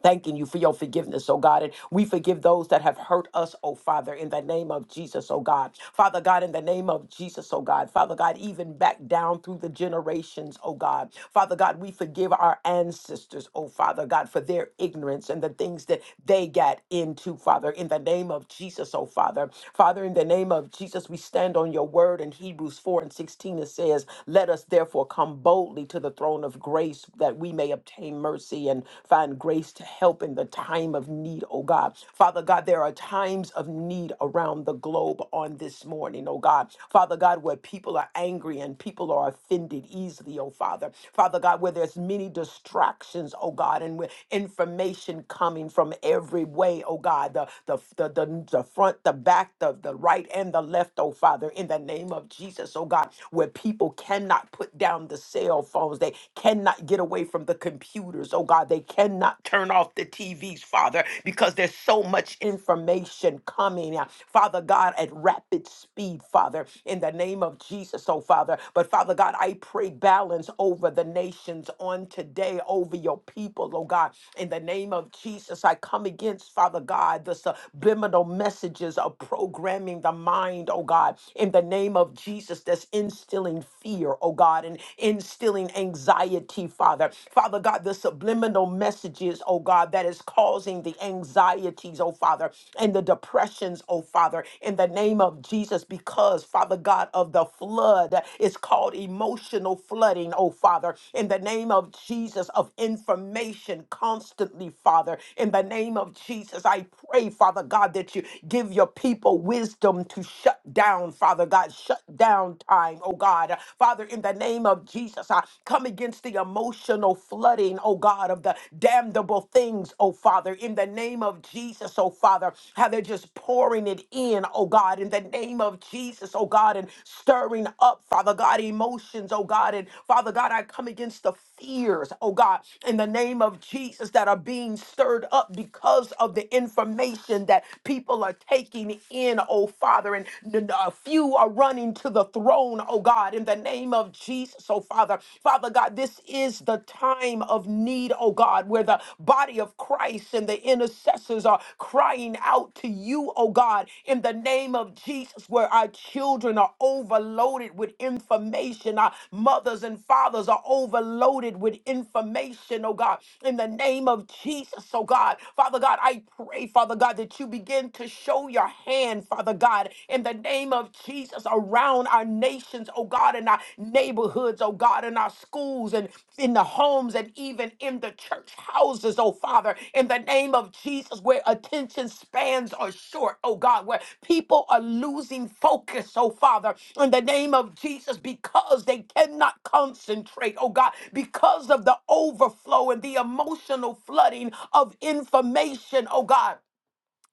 S5: Thanking you for your forgiveness, oh God. And we forgive those that have hurt us, oh Father, in the name of Jesus, oh God. Father God, in the name of Jesus, oh God. Father God, even back down through the generations, oh God. Father God, we forgive our ancestors, oh Father God, for their ignorance and the things that they got into, Father, in the name of Jesus, oh Father. Father, in the name of Jesus, we stand on your word in Hebrews 4 and 16. It says, Let us therefore come boldly to the throne of grace that we may obtain obtain mercy and find grace to help in the time of need, oh God. Father God, there are times of need around the globe on this morning, oh God. Father God, where people are angry and people are offended easily, oh Father. Father God, where there's many distractions, oh God, and where information coming from every way, oh God, the the the, the, the front, the back, the, the right and the left, oh Father, in the name of Jesus, oh God, where people cannot put down the cell phones. They cannot get away from the computers, oh God. They cannot turn off the TVs, Father, because there's so much information coming, uh, Father God, at rapid speed, Father, in the name of Jesus, oh Father. But Father God, I pray balance over the nations on today, over your people, oh God. In the name of Jesus, I come against, Father God, the subliminal messages of programming the mind, oh God. In the name of Jesus, that's instilling fear, oh oh God, and instilling anxiety, Father. Father God, the subliminal messages, oh God, that is causing the anxieties, oh Father, and the depressions, oh Father, in the name of Jesus, because, Father God, of the flood, it's called emotional flooding, oh Father, in the name of Jesus, of information constantly, Father, in the name of Jesus, I pray, Father God, that you give your people wisdom to shut down, Father God, shut down downtime, oh God. Father, in the name of Jesus, I come against the emotional flooding, oh God, of the damnable things, oh Father, in the name of Jesus, oh Father, how they're just pouring it in, oh God, in the name of Jesus, oh God, and stirring up, Father God, emotions, oh God, and Father God, I come against the fears, oh God, in the name of Jesus that are being stirred up because of the information that people are taking in, oh Father, and a few are running to the throne, oh God, in the name of Jesus, oh Father. Father God, this is the time of need, oh God, where the body of Christ and the intercessors are crying out to you, oh God, in the name of Jesus, where our children are overloaded with information, our mothers and fathers are overloaded with information, oh God, in the name of Jesus, oh God. Father God, I pray, Father God, that you begin to show your hand, Father God, in the name of Jesus, around our nations, oh God, in our neighborhoods, oh God, in our schools and in the homes and even in the church houses, oh Father, in the name of Jesus, where attention spans are short, oh God, where people are losing focus, oh Father, in the name of Jesus, because they cannot concentrate, oh God, because of the overflow and the emotional flooding of information, oh God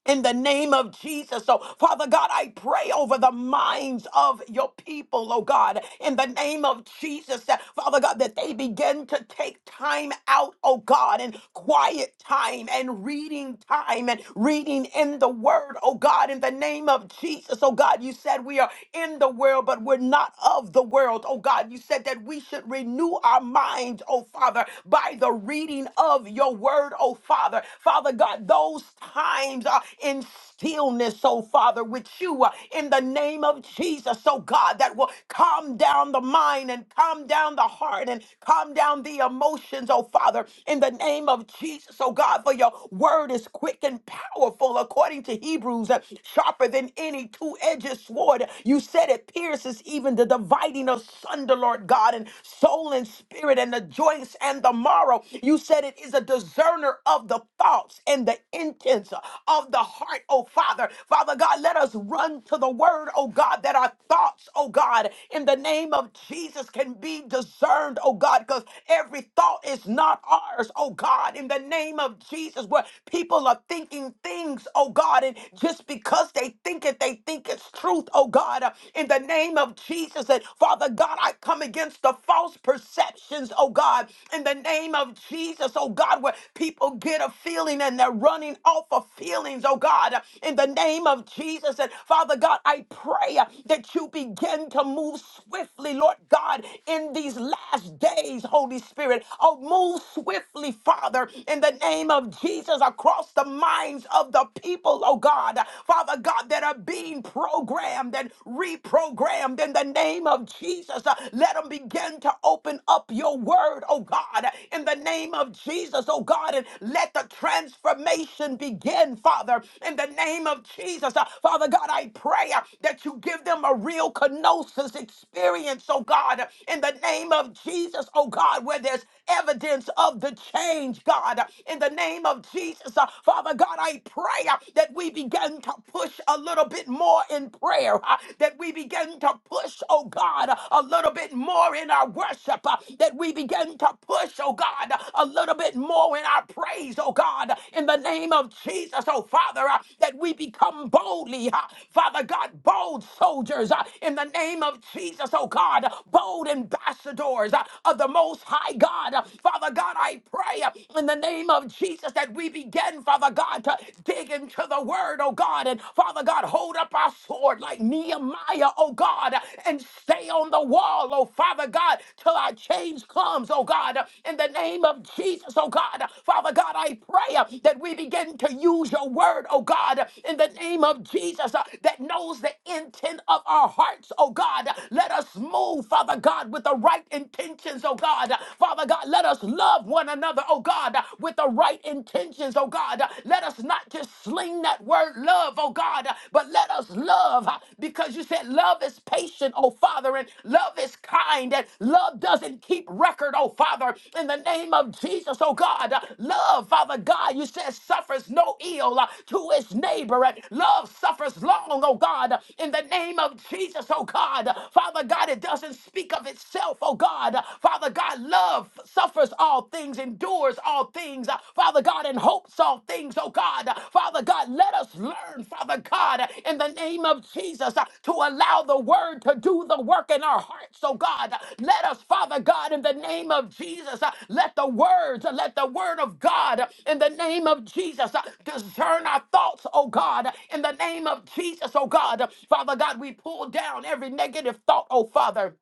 S5: in the name of Jesus. So, Father God, I pray over the minds of your people, oh God, in the name of Jesus, that, Father God, that they begin to take time out, oh God, and quiet time and reading time and reading in the word, oh God, in the name of Jesus, oh God, you said we are in the world, but we're not of the world, oh God, you said that we should renew our minds, oh Father, by the reading of your word, oh Father. Father God, those times are in stillness, oh Father, with you uh, in the name of Jesus, oh God, that will calm down the mind and calm down the heart and calm down the emotions, oh Father, in the name of Jesus, oh God, for your word is quick and powerful according to Hebrews, uh, sharper than any two edged sword. You said it pierces even the dividing asunder, Lord God, and soul and spirit and the joints and and the morrow. You said it is a discerner of the thoughts and the intents of the heart, oh Father. Father God, let us run to the word, oh God, that our thoughts, oh God, in the name of Jesus can be discerned, oh God, because every thought is not ours, oh God, in the name of Jesus, where people are thinking things, oh God, and just because they think it, they think it's truth, oh God, uh, in the name of Jesus. And Father God, I come against against the false perceptions, oh God, in the name of Jesus, oh God, where people get a feeling and they're running off of feelings, oh God, in the name of Jesus. And Father God, I pray uh, that you begin to move swiftly, Lord God, in these last days, Holy Spirit. Oh, move swiftly, Father, in the name of Jesus, across the minds of the people, oh God, Father God, that are being programmed and reprogrammed programmed in the name of Jesus. Uh, Let them begin to open up your word, oh God, in the name of Jesus, oh God, and let the transformation begin, Father, in the name of Jesus. Uh, Father God, I pray uh, that you give them a real kenosis experience, oh God, in the name of Jesus, oh God, where there's evidence of the change, God, in the name of Jesus. Uh, Father God, I pray uh, that we begin to push a little little bit more in prayer, uh, that we begin to push, oh God, uh, a little bit more in our worship, uh, that we begin to push, oh God, uh, a little bit more in our praise, oh God, in the name of Jesus, oh Father, uh, that we become boldly, uh, Father God, bold soldiers uh, in the name of Jesus, oh God, bold ambassadors uh, of the Most High God. Uh, Father God, I pray uh, in the name of Jesus that we begin, Father God, to uh, dig into the word, oh God. And Father God, hold up our sword like Nehemiah, oh God, and stay on the wall, oh Father God, till our change comes, oh God. In the name of Jesus, oh God. Father God, I pray uh, that we begin to use your word, oh God, in the name of Jesus, uh, that knows the intent of our hearts, oh God. Let us move, Father God, with the right intentions, oh God. Father God, let us love one another, oh God uh, with the right intentions, oh God. Uh, Let us not just sling that word love, oh God, uh, but let us love uh, because you said love is patient, oh Father, and love is kind, and love doesn't keep record, oh Father. In the name of Jesus, oh God, uh, love, Father God, you said suffers no ill uh, to its neighbor, and love suffers long, oh God. uh, In the name of Jesus, oh God, Uh, Father God, it doesn't speak of itself, oh God. Uh, Father God, love love suffers all things, endures all things, uh, Father God, and hopes all things, oh God. Uh, Father God, let us learn, Father God, uh, in the name of Jesus, uh, to allow the word to do the work in our hearts, oh God. Uh, Let us, Father God, in the name of Jesus, uh, let the words, uh, let the word of God, uh, in the name of Jesus, uh, discern our thoughts, oh God, uh, in the name of Jesus, oh God. Uh, Father God, we pull down every negative thought, oh Father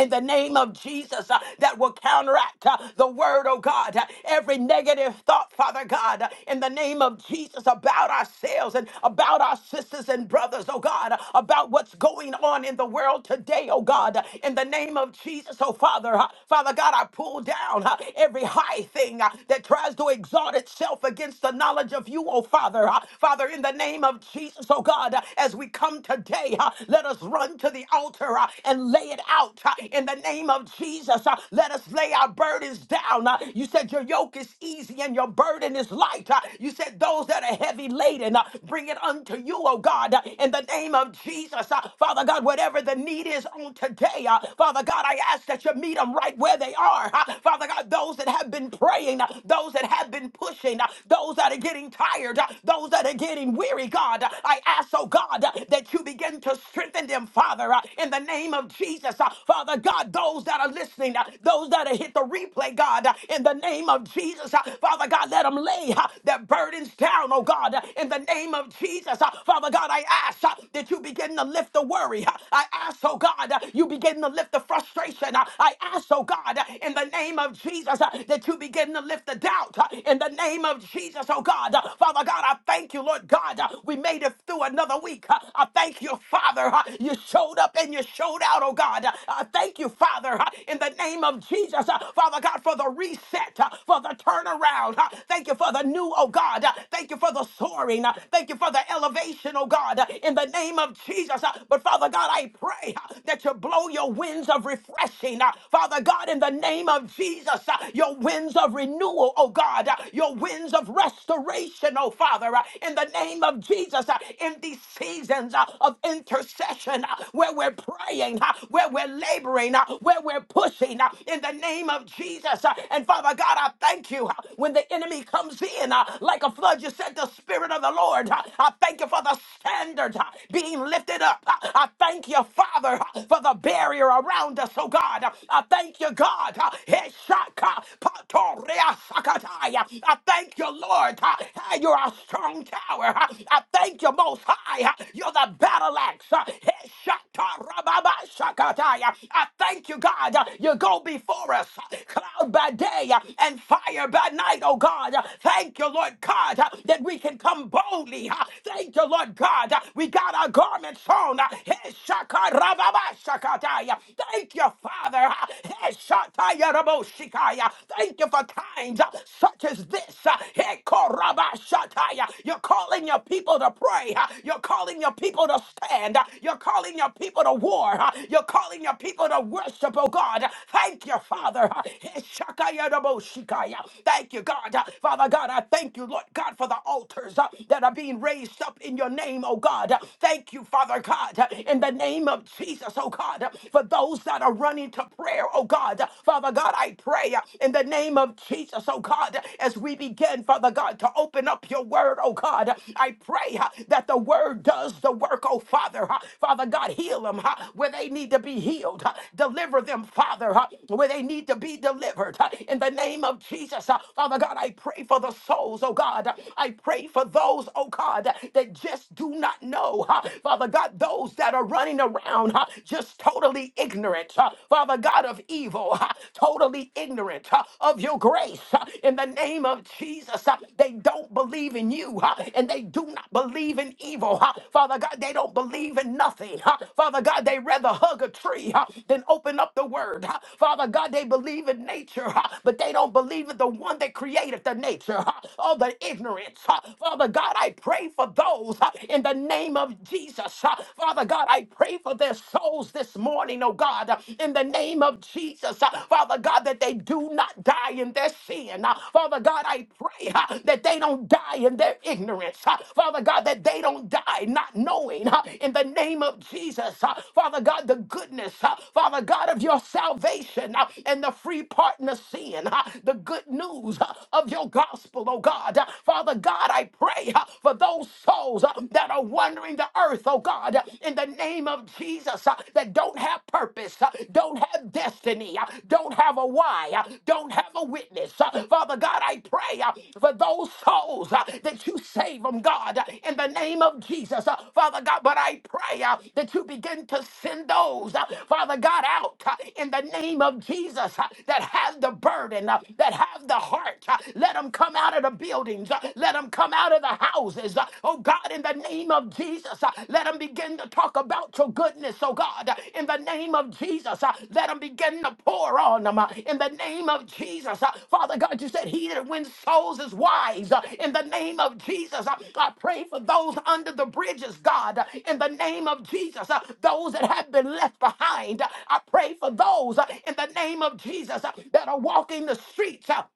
S5: in the name of Jesus uh, that will counteract uh, the word, oh God, uh, every negative thought, Father God, uh, in the name of Jesus about ourselves and about our sisters and brothers, oh God, uh, about what's going on in the world today, oh God, uh, in the name of Jesus, oh Father, uh, Father God, I pull down uh, every high thing uh, that tries to exalt itself against the knowledge of you, oh Father, uh, Father, in the name of Jesus, oh God, uh, as we come today, uh, let us run to the to the altar uh, and lay it out uh, in the name of Jesus. uh, Let us lay our burdens down. uh, You said your yoke is easy and your burden is light. uh, You said those that are heavy laden, uh, bring it unto you, oh God, uh, in the name of Jesus. uh, Father God, whatever the need is on today, uh, Father God, I ask that you meet them right where they are. uh, Father God, those that have been praying, uh, those that have been pushing, uh, those that are getting tired, uh, those that are getting weary, God, uh, I ask, oh God. God uh, that you begin to strengthen them, Father, uh, in the name of Jesus. uh, Father God, those that are listening, uh, those that are hit the replay, God, uh, in the name of Jesus. uh, Father God, let them lay uh, their burdens down, oh God, uh, in the name of Jesus. uh, Father God, I ask uh, that you begin to lift the worry. uh, I ask, oh God, uh, you begin to lift the frustration. uh, I ask, oh God, uh, in the name of Jesus, uh, that you begin to lift the doubt. uh, In the name of Jesus, oh God. Uh, Father God, I thank you, Lord Lord God. Uh, We made it through another week. Uh, I thank you, Father. Uh, You showed up and you showed out, oh God. Uh, I thank you, Father, uh, in the name of Jesus, uh, Father God, for the reset, uh, for the turnaround. Uh, Thank you for the new, oh God. Uh, Thank you for the soaring. Uh, Thank you for the elevation, oh God, uh, in the name of Jesus. Uh, But Father God, I pray uh, that you blow your winds of refreshing. Uh, Father God, in the name of Jesus, uh, your winds of renewal, oh God, uh, your winds of restoration restoration, oh Father, uh, in the name of Jesus, uh, in these seasons uh, of intercession uh, where we're praying, uh, where we're laboring, uh, where we're pushing, uh, in the name of Jesus. uh, And Father God, I thank you uh, when the enemy comes in uh, like a flood, you said the Spirit of the Lord. uh, I thank you for the standard uh, being lifted up. Uh, I thank you, Father, uh, for the barrier around us, oh God. Uh, I thank you, God. uh, Heshaka, I thank you, Lord. uh, hey, You're a strong tower. uh, I thank you, Most High. uh, You're the battle axe. uh, hey, shakarababashakataya. I thank you, God. uh, You go before us, uh, cloud by day uh, and fire by night, oh God. Uh, Thank you, Lord God, uh, that we can come boldly. uh, Thank you, Lord God. uh, We got our garments on. uh, hey, shakarababashakataya. Thank you, Father. uh, hey, Shikaya. Thank you for times uh, such as this. uh, Hekorabashataya. You're calling your people to pray. uh, You're calling your people to stand. uh, You're calling your people to war. uh, You're calling your people to worship, oh God. Uh, Thank you, Father. uh, Heshakayaraboshikaya. Thank you, God. Uh, Father God, I thank you, Lord God, for the altars uh, that are being raised up in your name, oh God. Uh, Thank you, Father God, uh, in the name of Jesus, oh God, uh, for those that are God, are running to prayer, oh God. Father God, I pray uh, in the name of Jesus, oh God, as we begin, Father God, to open up your word, oh God. I pray uh, that the word does the work, oh Father. Uh, Father God, heal them uh, where they need to be healed. Uh, Deliver them, Father, uh, where they need to be delivered. Uh, In the name of Jesus, uh, Father God, I pray for the souls, oh God. I pray for those, oh God, that just do not know, uh, Father God, those that are running around around, huh, just totally ignorant, huh, Father God of evil, huh, totally ignorant huh, of your grace. huh, In the name of Jesus, huh. they don't believe in you, huh, and they do not believe in evil, huh. Father God. They don't believe in nothing, huh. Father God. They rather hug a tree huh, than open up the Word, huh. Father God. They believe in nature, huh, but they don't believe in the one that created the nature. huh. Oh, the ignorance, huh. Father God. I pray for those huh, in the name of of Jesus. Uh, Father God, I pray for their souls this morning, oh God, uh, in the name of Jesus. Uh, Father God, that they do not die in their sin. Uh, Father God, I pray uh, that they don't die in their ignorance. Uh, Father God, that they don't die not knowing uh, in the name of Jesus. Uh, Father God, the goodness, uh, Father God, of your salvation uh, and the free pardon of sin, uh, the good news uh, of your gospel, oh God. Uh, Father God, I pray uh, for those souls uh, that are wandering the earth, oh God, uh, in the name of Jesus, uh, that don't have purpose, uh, don't have destiny, uh, don't have a why, uh, don't have a witness. Uh, Father God, I pray uh, for those souls uh, that you save them, God, uh, in the name of Jesus, uh, Father God. But I pray uh, that you begin to send those, uh, Father God, out uh, in the name of Jesus uh, that have the burden, uh, that have the heart. uh, Let them come out of the building buildings. Uh, Let them come out of the houses. Uh, Oh God, in the name of Jesus, uh, let them begin to talk about your goodness. Oh God, uh, in the name of Jesus, uh, let them begin to pour on them. uh, In the name of Jesus, Uh, Father God, you said he that wins souls is wise. Uh, In the name of Jesus, uh, I pray for those under the bridges, God. Uh, In the name of Jesus, uh, those that have been left behind. Uh, I pray for those uh, in the name of Jesus uh, that are walking the streets. uh,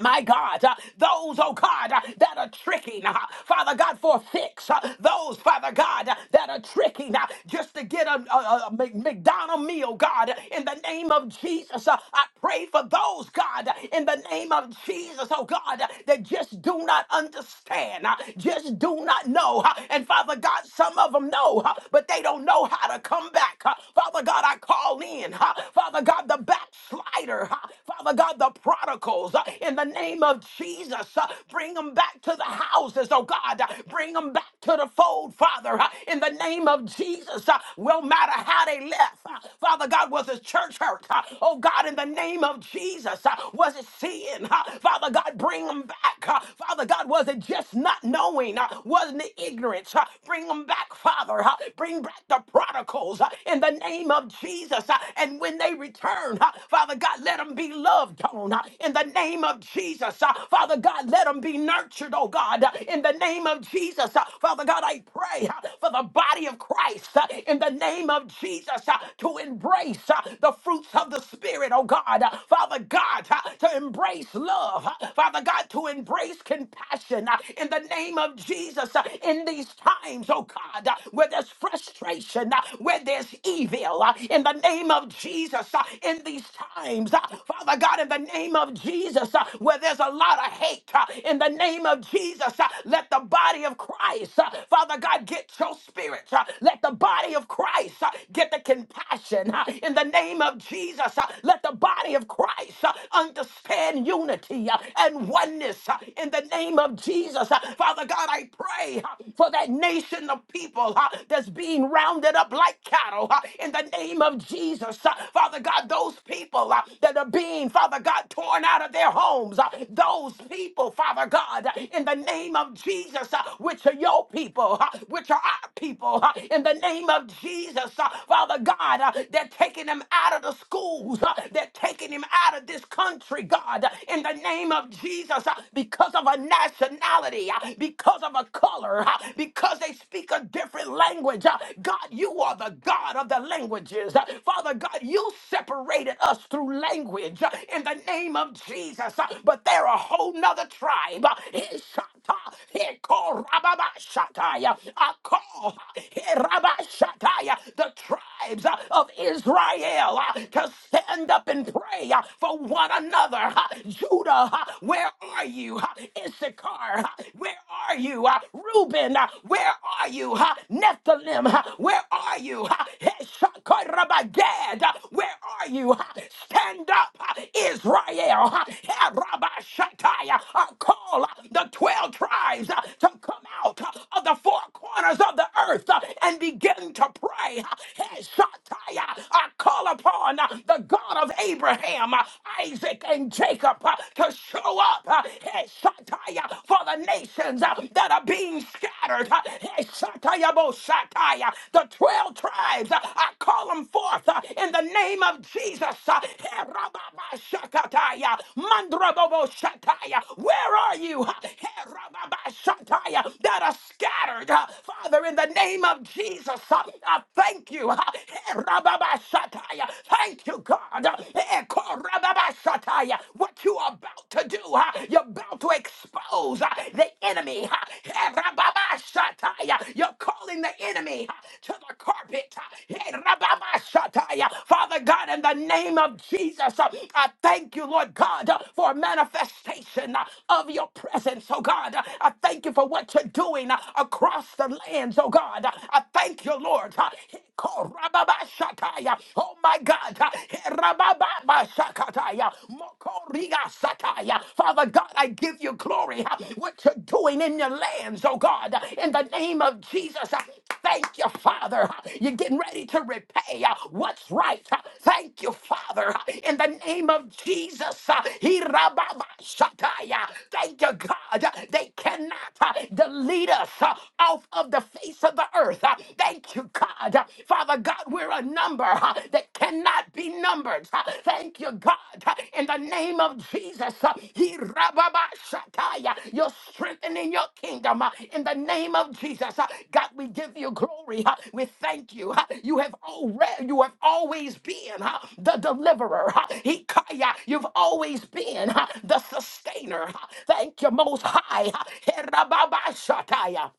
S5: my God, uh, those, oh God, uh, that are tricking, uh, Father God, for a fix. uh, those, Father God, uh, that are tricking uh, just to get a, a, a Mc- McDonald meal, God, in the name of Jesus. uh, I pray for those, God, in the name of Jesus, oh God, uh, that just do not understand, uh, just do not know. uh, and Father God, some of them know, uh, but they don't know how to come back. uh, Father God, I call in, uh, Father God, the backslider. uh, ha, Father God, the prodigals uh, in the name of Jesus. uh, Bring them back to the houses, oh God. uh, Bring them back to the fold, Father, uh, in the name of Jesus. uh, Will matter how they left. uh, Father God, was his church hurt? uh, Oh God, in the name of Jesus, uh, was it sin? uh, Father God, bring them back. uh, Father God, was it just not knowing? uh, Wasn't it ignorance? uh, Bring them back, Father. uh, Bring back the prodigals uh, in the name of Jesus. uh, and when they return, uh, Father God, let them be loved on uh, in the name of Jesus. uh, Father God, let them be nurtured, oh God, uh, in the name of Jesus. uh, Father God, I pray uh, for the body of Christ uh, in the name of Jesus uh, to embrace uh, the fruits of the Spirit, oh God. uh, Father God, uh, to embrace love. uh, Father God, to embrace compassion uh, in the name of Jesus uh, in these times, oh God, uh, where there's frustration, uh, where there's evil uh, in the name of Jesus uh, in these times. uh, Father God, in the name of Jesus, uh, where there's a lot of hate uh, in the name of Jesus, uh, let the body of Christ, uh, Father God, get your spirit. uh, Let the body of Christ uh, get the compassion uh, in the name of Jesus. uh, Let the body of Christ uh, understand unity uh, and oneness uh, in the name of Jesus. Uh, Father God, I pray uh, for that nation of of people huh, that's being rounded up like cattle huh, in the name of Jesus. huh. Father God, those people huh, that are being, Father God, torn out of their homes, huh, those people, Father God, huh, in the name of Jesus, huh, which are your people, huh, which are our people, huh, in the name of Jesus, huh, Father God, huh, they're taking them out of the schools, huh, they're taking him out of this country, God, huh, in the name of Jesus, huh, because of a nationality, huh, because because of a color, uh, because they speak a different language. uh, God, you are the God of the languages. Uh, Father God, you separated us through language uh, in the name of Jesus. uh, But they're a whole nother tribe. uh, Ishata, Hekorababashataya, Akor, Herabashataya, The tribes uh, of Israel uh, to stand up and pray uh, for one another. uh, Judah, uh, where are you? Uh, Issachar, uh, where are you? Uh, Reuben, uh, where are you? Uh, Nephilim, uh, where are you? Uh, Heshakarabagad, uh, where are you? Uh, stand up, uh, Israel. Uh, Herabashatai, uh, uh, call uh, the 12 tribes uh, to come out uh, of the four corners of the earth uh, and begin to pray. Uh, Heshatai, uh, uh, call upon uh, the God of Abraham, uh, Isaac, and Jacob uh, to show up up uh, eh, for the nations uh, that are being scattered. uh, eh, Shataya The 12 tribes, uh, I call them forth uh, in the name of Jesus. uh, eh, Rababa Where are you? uh, eh, That are scattered. uh, Father, in the name of Jesus, uh, I thank you. uh, eh, Thank you, God. uh, eh, Rababashataya. What you are about to do, huh? you're about to expose huh, the enemy. huh? Eh, Rababashataya. You're calling the enemy huh, to the carpet. huh? Eh, Rababashataya. Father God, in the name of Jesus, uh, I thank you, Lord God, uh, for a manifestation uh, of your presence, oh God. Uh, I thank you for what you're doing uh, across the lands, oh God. Uh, I thank you, Lord. uh, Oh my God. Rabababashakataya, mokorigasataya. Father God, I give you glory. huh, What you're doing in your lands, oh God. In the name of Jesus, huh, thank you, Father. huh. You're getting ready to repay huh, what's right. huh. Thank you, Father. huh. In the name of Jesus. Hirababashataya. Thank you, God. They cannot huh, delete us huh, off of the face of the earth. huh. Thank you you, God. Father God, we're a number uh, that cannot be numbered. Uh, Thank you, God. Uh, In the name of Jesus, uh, he rababashataya. you're strengthening your kingdom. uh, In the name of Jesus, Uh, God, we give you glory. uh, We thank you. uh, You have already, you have always been uh, the deliverer. uh, Hikaya, you've always been uh, the sustainer. uh, Thank you, Most High. uh, Herababashataya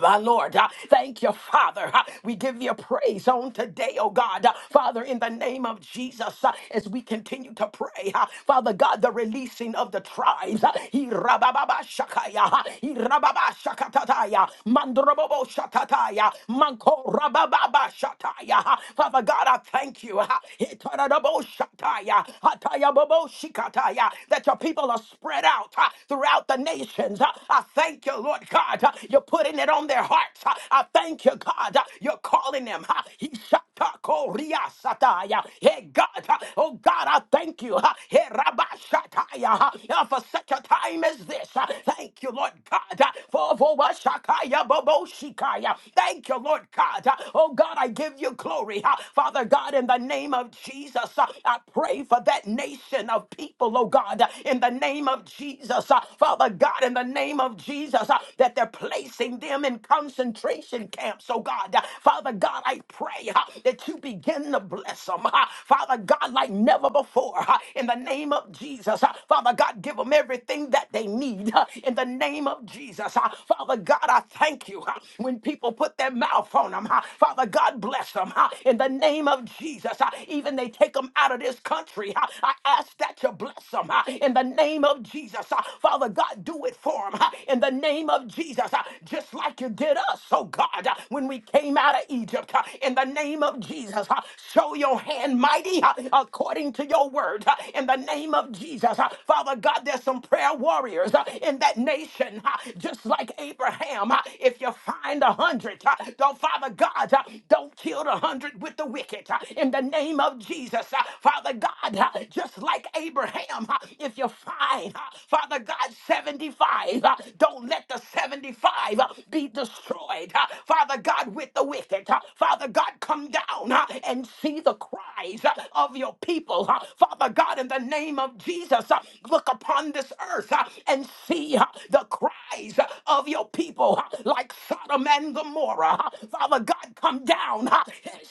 S5: my Lord, uh, thank you, Father. Uh, we give you praise on today, oh God. Uh, Father, in the name of Jesus, uh, as we continue to pray, uh, Father God, the releasing of the tribes. Uh, he rababa shakaya, uh, he rababa shakatataya, mandrobobo shatataya, manko rababa shataya. Uh, Father God, I thank you. Uh, he tararabo shataya, hataya bobo shikataya, that your people are spread out uh, throughout the the nations. Uh, I thank you, Lord God. Uh, You're putting it on their hearts. Uh, I thank you, God. Uh, You're calling them. Uh, He shut Korea-sataya. Hey God, uh, oh God, I thank you uh, hey, Rabba-shataya, uh, uh, for such a time as this. Uh, Thank you, Lord God, uh, for for what shakaya bobo-shikaya. Thank you, Lord God. Uh, Oh God, I give you glory. Uh, Father God, in the name of Jesus, uh, I pray for that nation of of people, oh God, uh, in the name of Jesus. uh, Father God, in the name of Jesus, uh, that they're placing them in concentration camps, oh God. Uh, Father God, I pray uh, that you begin to bless them, uh, Father God, like never before, uh, in the name of Jesus. uh, Father God, give them everything that they need, uh, in the name of Jesus. uh, Father God, I thank you uh, when people put their mouth on them, Father God, bless them, uh, in the name of Jesus. Jesus, uh, even they take them out of this country. uh, I ask that you bless them in the name of Jesus. uh, Father God, do it for them in the name of Jesus, uh, just like you did us, oh God, uh, when we came out of Egypt. uh, In the name of Jesus, uh, show your hand mighty uh, according to your word. uh, In the name of Jesus, uh, Father God, there's some prayer warriors uh, in that nation, uh, just like Abraham. uh, If you find a hundred, uh, don't Father. Father God, uh, don't kill the hundred with the wicked uh, in the name of Jesus. uh, Father God, uh, just like Abraham, uh, if you find, uh, Father God, 75, uh, don't let the 75 uh, be destroyed. uh, Father God, with the wicked. uh, Father God, come down uh, and see the cries uh, of your people. uh, Father God, in the name of Jesus, uh, look upon this earth uh, and see uh, the cries uh, of your your people huh, like Sodom and Gomorrah. huh. Father God, come down. huh.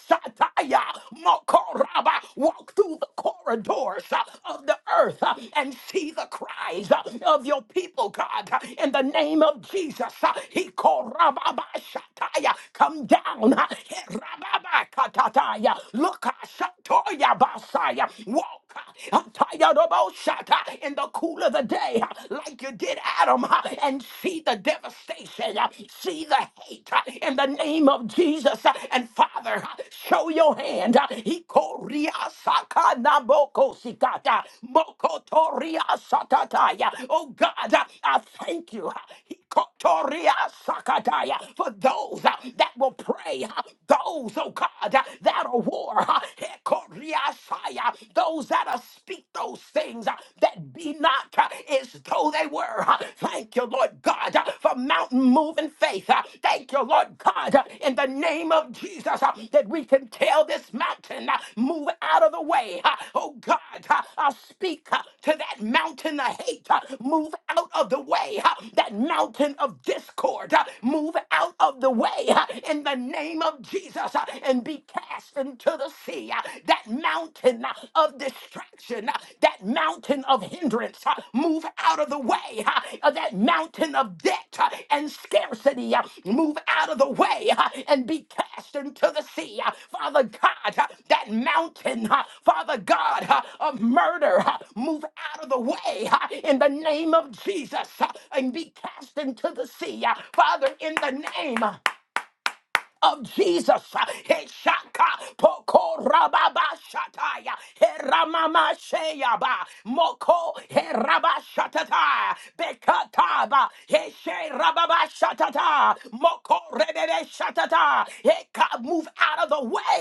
S5: Shataya Mokoraba, walk through the corridors huh, of the earth huh, and see the cries huh, of your people, God. huh. In the name of Jesus, huh. He korababa Shataya, come down. huh. Baba Katataya, look, Shatoya Basaya, walk, Atayarabosata, in the cool of the day, like you did Adam, and see the devastation, see the hate in the name of Jesus. And Father, show your hand. He Ikoriasakanabokosikata, mokotoriasakataya. Oh God, I thank you. Kotoria Sakataya. For those uh, that will pray, uh, those, oh God, uh, that are war, uh, Hekoria Saya, those that uh, speak those things uh, that be not uh, as though they were. uh. Thank you, Lord God, uh, for mountain moving faith. uh. Thank you, Lord God, uh, in the name of Jesus, uh, that we continue tell this mountain, uh, move out of the way. Uh, Oh God, uh, I speak uh, to that mountain of hate, uh, move out of the way. Uh, That mountain of discord, uh, move out of the way uh, in the name of Jesus uh, and be cast into the sea. Uh, That mountain uh, of distraction, uh, that mountain of hindrance, abundance. uh, Move out of the way uh, of that mountain of debt uh, and scarcity. uh, Move out of the way uh, and be cast into the sea. uh, Father God, uh, that mountain, uh, Father God, uh, of murder, uh, move out of the way uh, in the name of Jesus uh, and be cast into the sea. uh, Father, in the name. huh, of Jesus. Heshaka pokorababashataya heramamaseyaba moko herabashatata bekataba hesherababashatata moko rebebe rebebeshatata heka move out of the way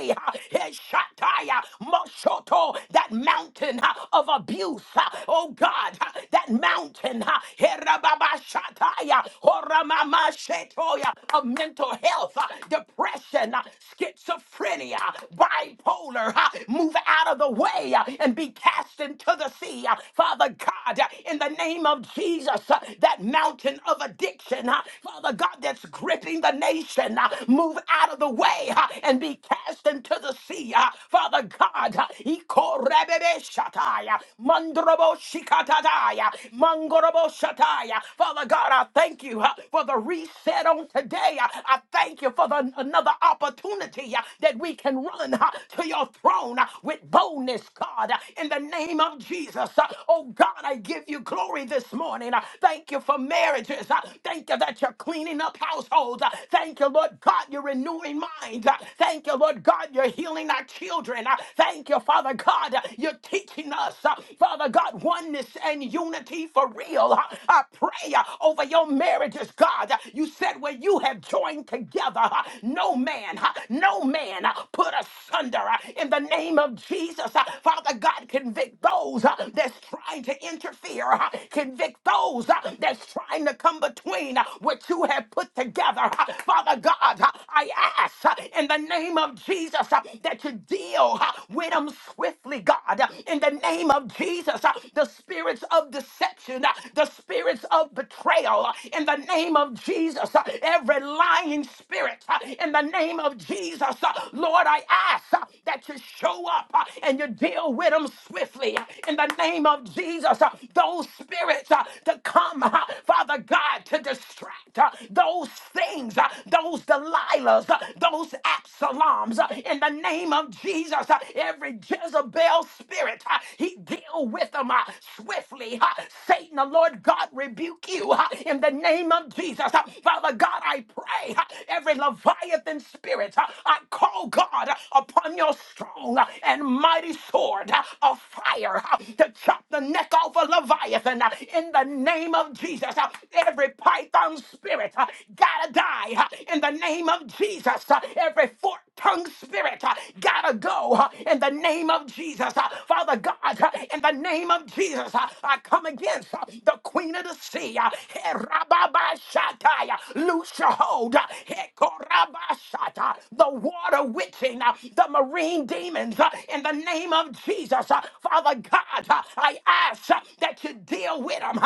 S5: heshataya moshoto that mountain of abuse oh God that mountain ha, herababashataya horamamashetoya of mental health, uh, depression, uh, schizophrenia, bipolar, uh, move out of the way uh, and be cast into the sea. uh, Father God, uh, in the name of Jesus, uh, that mountain of addiction, uh, Father God, that's gripping the nation, uh, move out of the way uh, and be cast into the sea. uh, Father God, uh, Ikorebebeshataya, Mandrabo Shikatadaya, Mangorobo Shataya. Father God, I thank you uh, for the another reset on today. I I thank you for the, another opportunity uh, that we can run uh, to your throne uh, with boldness, God, uh, in the name of Jesus. Uh, Oh, God, I give you glory this morning. Uh, Thank you for marriages. Uh, Thank you that you're cleaning up households. Uh, Thank you, Lord God, you're renewing minds. Uh, Thank you, Lord God, you're healing our children. Uh, Thank you, Father God, uh, you're teaching us, uh, Father God, oneness and unity for real. Uh, I pray, uh, oh, over your marriages, God. You said where you have joined together, uh, no man, uh, no man uh, put asunder uh, in the name of Jesus. Uh, Father God, convict those uh, that's trying to interfere, uh, convict those uh, that's trying to come between uh, what you have put together. Uh, Father God, uh, I ask uh, in the name of Jesus uh, that you deal uh, with them swiftly, God. Uh, In the name of Jesus, uh, the spirits of deception, uh, the spirits of betrayal uh, in the name of Jesus, uh, every lying spirit uh, in the name of Jesus. uh, Lord, I ask uh, that you show up uh, and you deal with them swiftly uh, in the name of Jesus. uh, Those spirits uh, to come, uh, Father God, to distract uh, those things, uh, those Delilahs, uh, those Absaloms uh, in the name of Jesus. uh, Every Jezebel spirit, uh, he deal with them uh, swiftly swiftly. ha. Satan, the Lord God, rebuke you ha, in the name of Jesus. ha. Father God, I pray ha, every Leviathan spirit, ha, I call God ha, upon your strong ha, and mighty sword ha, of fire ha, to chop the neck off a Leviathan ha, in the name of Jesus. ha. Every python spirit ha, gotta die ha, in the name of Jesus. ha. Every fork tongued spirit uh, gotta go uh, in the name of Jesus. Uh, Father God, uh, in the name of Jesus, uh, I come against uh, the queen of the sea. uh, Herababashatai, uh, Loose your hold. uh, Hekorabashata, The water witching, uh, the marine demons. uh, In the name of Jesus, uh, Father God, uh, I ask uh, that you deal with them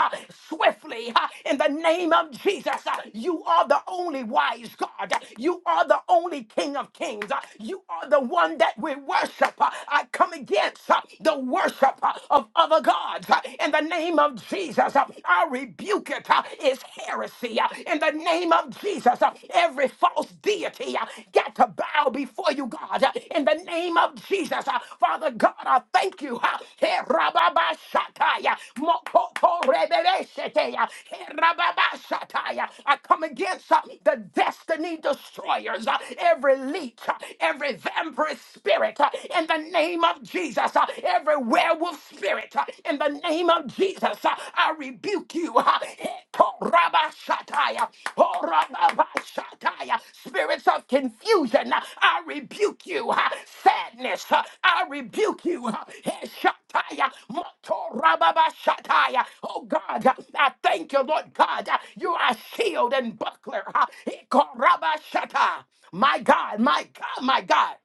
S5: swiftly. uh, In the name of Jesus, uh, you are the only wise God. uh, You are the only King of kings. uh, You are the one that we worship. uh, I come against against uh, the worship uh, of other gods. Uh, In the name of Jesus, uh, I rebuke it. uh, It's heresy. Uh, In the name of Jesus, uh, every false deity uh, got to bow before you, God. Uh, In the name of Jesus, uh, Father God, I thank you. uh, Hey, Rababashataya, Mokotorebebesheteya, Hey, Rababashataya. I come against uh, the destiny destroyers, uh, every leech, uh, every vampire spirit, uh, in the name of Jesus. Uh, Every werewolf spirit, uh, in the name of Jesus, uh, I rebuke you. uh, Korabashataya, Korabashataya. Spirits of confusion, uh, I rebuke you. uh, Sadness, uh, I rebuke you. uh, Heshataya, Motorababashataya. Oh God, uh, I thank you, Lord God. uh, You are shield and buckler. uh, Korabashata. My God, my God, my God.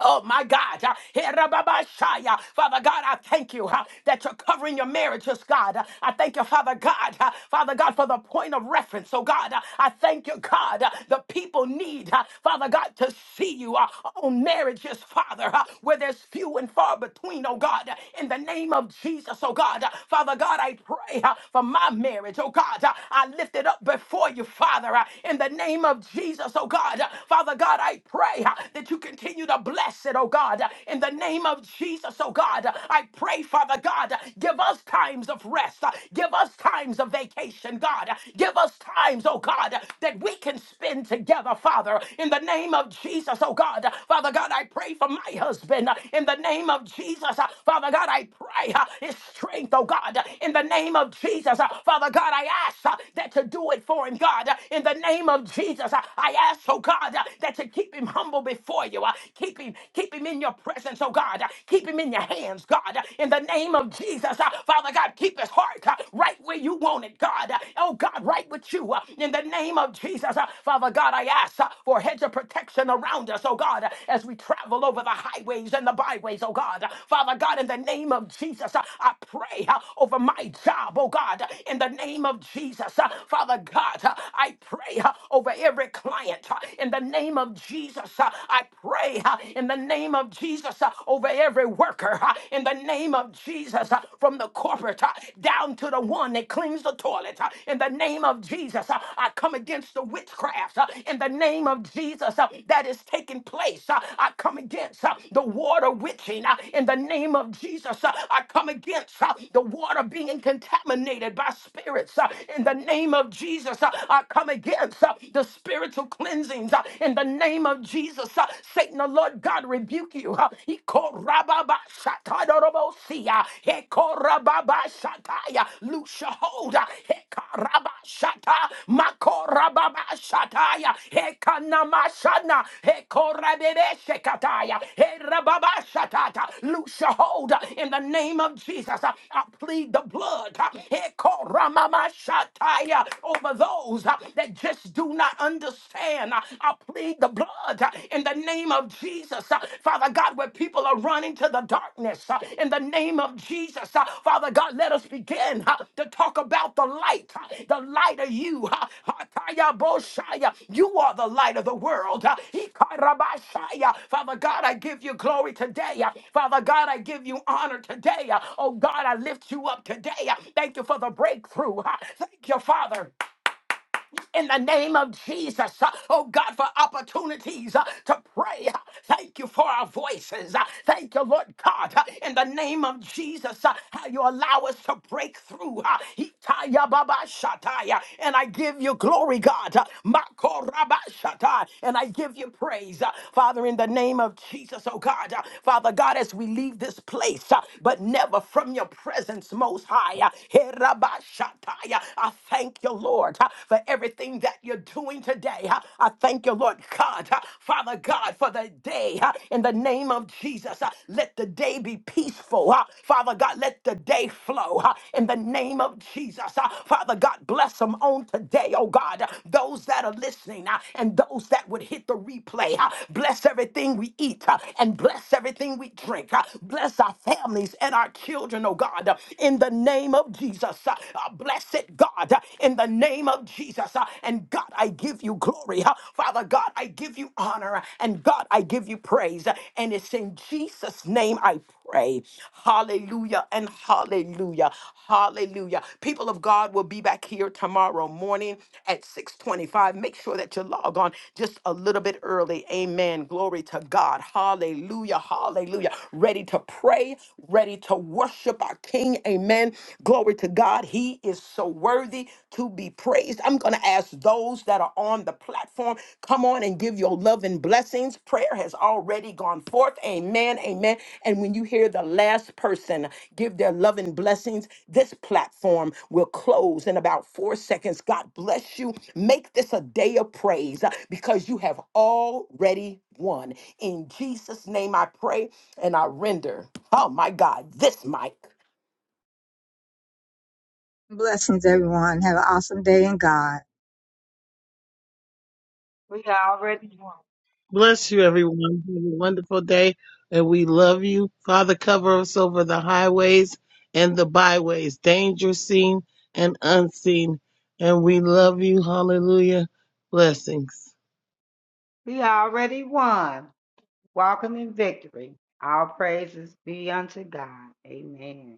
S5: Oh my God. Uh, Herababashaya. Father God, I thank you uh, that you're covering your marriages, God. Uh, I thank you, Father God, uh, Father God, for the point of reference. So, God, uh, I thank you, God, uh, the people need, uh, Father God, to see you uh, on marriages, Father, uh, where there's few and far between, oh God, uh, in the name of Jesus, oh God. Uh, Father God, I pray uh, for my marriage, oh God. Uh, I lift it up before you, Father, uh, in the name of Jesus, oh God. Uh, Father God, I pray uh, that that you continue to bless it, oh God. In the name of Jesus, oh God, I pray, Father God, give us times of rest. Give us times of vacation, God. Give us times, oh God, that we can spend together, Father. In the name of Jesus, oh God. Father God, I pray for my husband. In the name of Jesus, Father God, I pray uh, his strength, oh God. In the name of Jesus, uh, Father God, I ask uh, that to do it for him, God. In the name of Jesus, uh, I ask, oh God, uh, that to said, keep him humble before you. Uh, Keep him, keep him in your presence, oh God. Uh, Keep him in your hands, God. Uh, In the name of Jesus, uh, Father God, keep his heart uh, right where you want it, God. Uh, Oh God, right with you. uh, In the name of Jesus, uh, Father God, I ask uh, for a hedge of protection around us, oh God, uh, as we travel over the highways and the byways, oh God. Uh, Father God, in the name of Jesus, uh, I pray uh, over my job, oh God. Uh, In the name of Jesus, uh, Father God, uh, I pray uh, over every client uh, in the name of Jesus. uh, I pray uh, in the name of Jesus uh, over every worker uh, in the name of Jesus uh, from the corporate uh, down to the one that cleans the toilet uh, in the name of Jesus. uh, I come against the witchcraft uh, in the name of Jesus uh, that is taking place. uh, I come against uh, the water witching uh, in the name of Jesus. uh, I come against uh, the water being contaminated by spirits uh, in the name of Jesus. uh, I come against uh, the the spiritual cleansings uh, in the name of Jesus. uh, Satan, the Lord God, rebuke you. uh, he called Rababa Shatadorobosia, he called Rababa Shataya, loose your hold, uh, he called Rabba Shata, Mako Rababa Shataya, he Kanamashana, he called Rabebe Shekataya, he Rababa Shatata, loose your hold uh, in the name of Jesus. uh, I plead the blood, uh, he called Ramama Shataya over those. uh, that just do not understand. I I plead the blood uh, in the name of Jesus. uh, Father God, where people are running to the darkness uh, in the name of Jesus. uh, Father God, let us begin uh, to talk about the light, uh, the light of you. uh, Hataya Boshaya. You are the light of the world. uh, Ikarabashaya. Father God, I give you glory today. uh, Father God, I give you honor today. uh, Oh God, I lift you up today. uh, Thank you for the breakthrough. uh, Thank you, Father in the name of Jesus. Uh, Oh God, for opportunities uh, to pray. Uh, Thank you for our voices. Uh, Thank you, Lord God, uh, in the name of Jesus, uh, how you allow us to break through. Uh, Itaya baba shataya. And I give you glory, God. Uh, Makoraba shatai. And I give you praise, Uh, Father, in the name of Jesus, oh God. Uh, Father God, as we leave this place, uh, but never from your presence, most high. Uh, Heraba I thank you, Lord, uh, for everything that you're doing today. uh. I thank you, Lord God, uh, Father God, for the day. uh, In the name of Jesus, uh, let the day be peaceful. uh. Father God, let the day flow. uh, In the name of Jesus, uh. Father God, bless them on today, oh God. uh, Those that are listening uh, and those that would hit the replay. uh. Bless everything we eat uh, and bless everything we drink. uh. Bless our families and our children, oh God. God, uh, in the name of Jesus. uh, uh, Blessed God, uh, in the name of Jesus. uh, And God, I give you glory. uh, Father God, I give you honor. uh, And God, I give you praise. uh, And it's in Jesus' name I pray. Hallelujah and hallelujah. Hallelujah. People of God will be back here tomorrow morning at 625. Make sure that you log on just a little bit early. Amen. Glory to God. Hallelujah. Hallelujah ready to pray, ready to worship our King. Amen. Glory to God. He is so worthy to be praised. I'm going to ask those that are on the platform, come on and give your love and blessings. Prayer has already gone forth. Amen. Amen. And when you hear the last person give their love and blessings, this platform will close in about four seconds. God bless you. Make this a day of praise uh, because you have already won. In Jesus' name, I pray and I render, oh my God, this mic.
S2: Blessings, everyone. Have an awesome day in God.
S3: We already won.
S4: Bless you, everyone. Have a wonderful day. And we love you. Father, cover us over the highways and the byways, danger seen and unseen. And we love you. Hallelujah. Blessings.
S3: We already won. Walking in victory. All praises be unto God. Amen.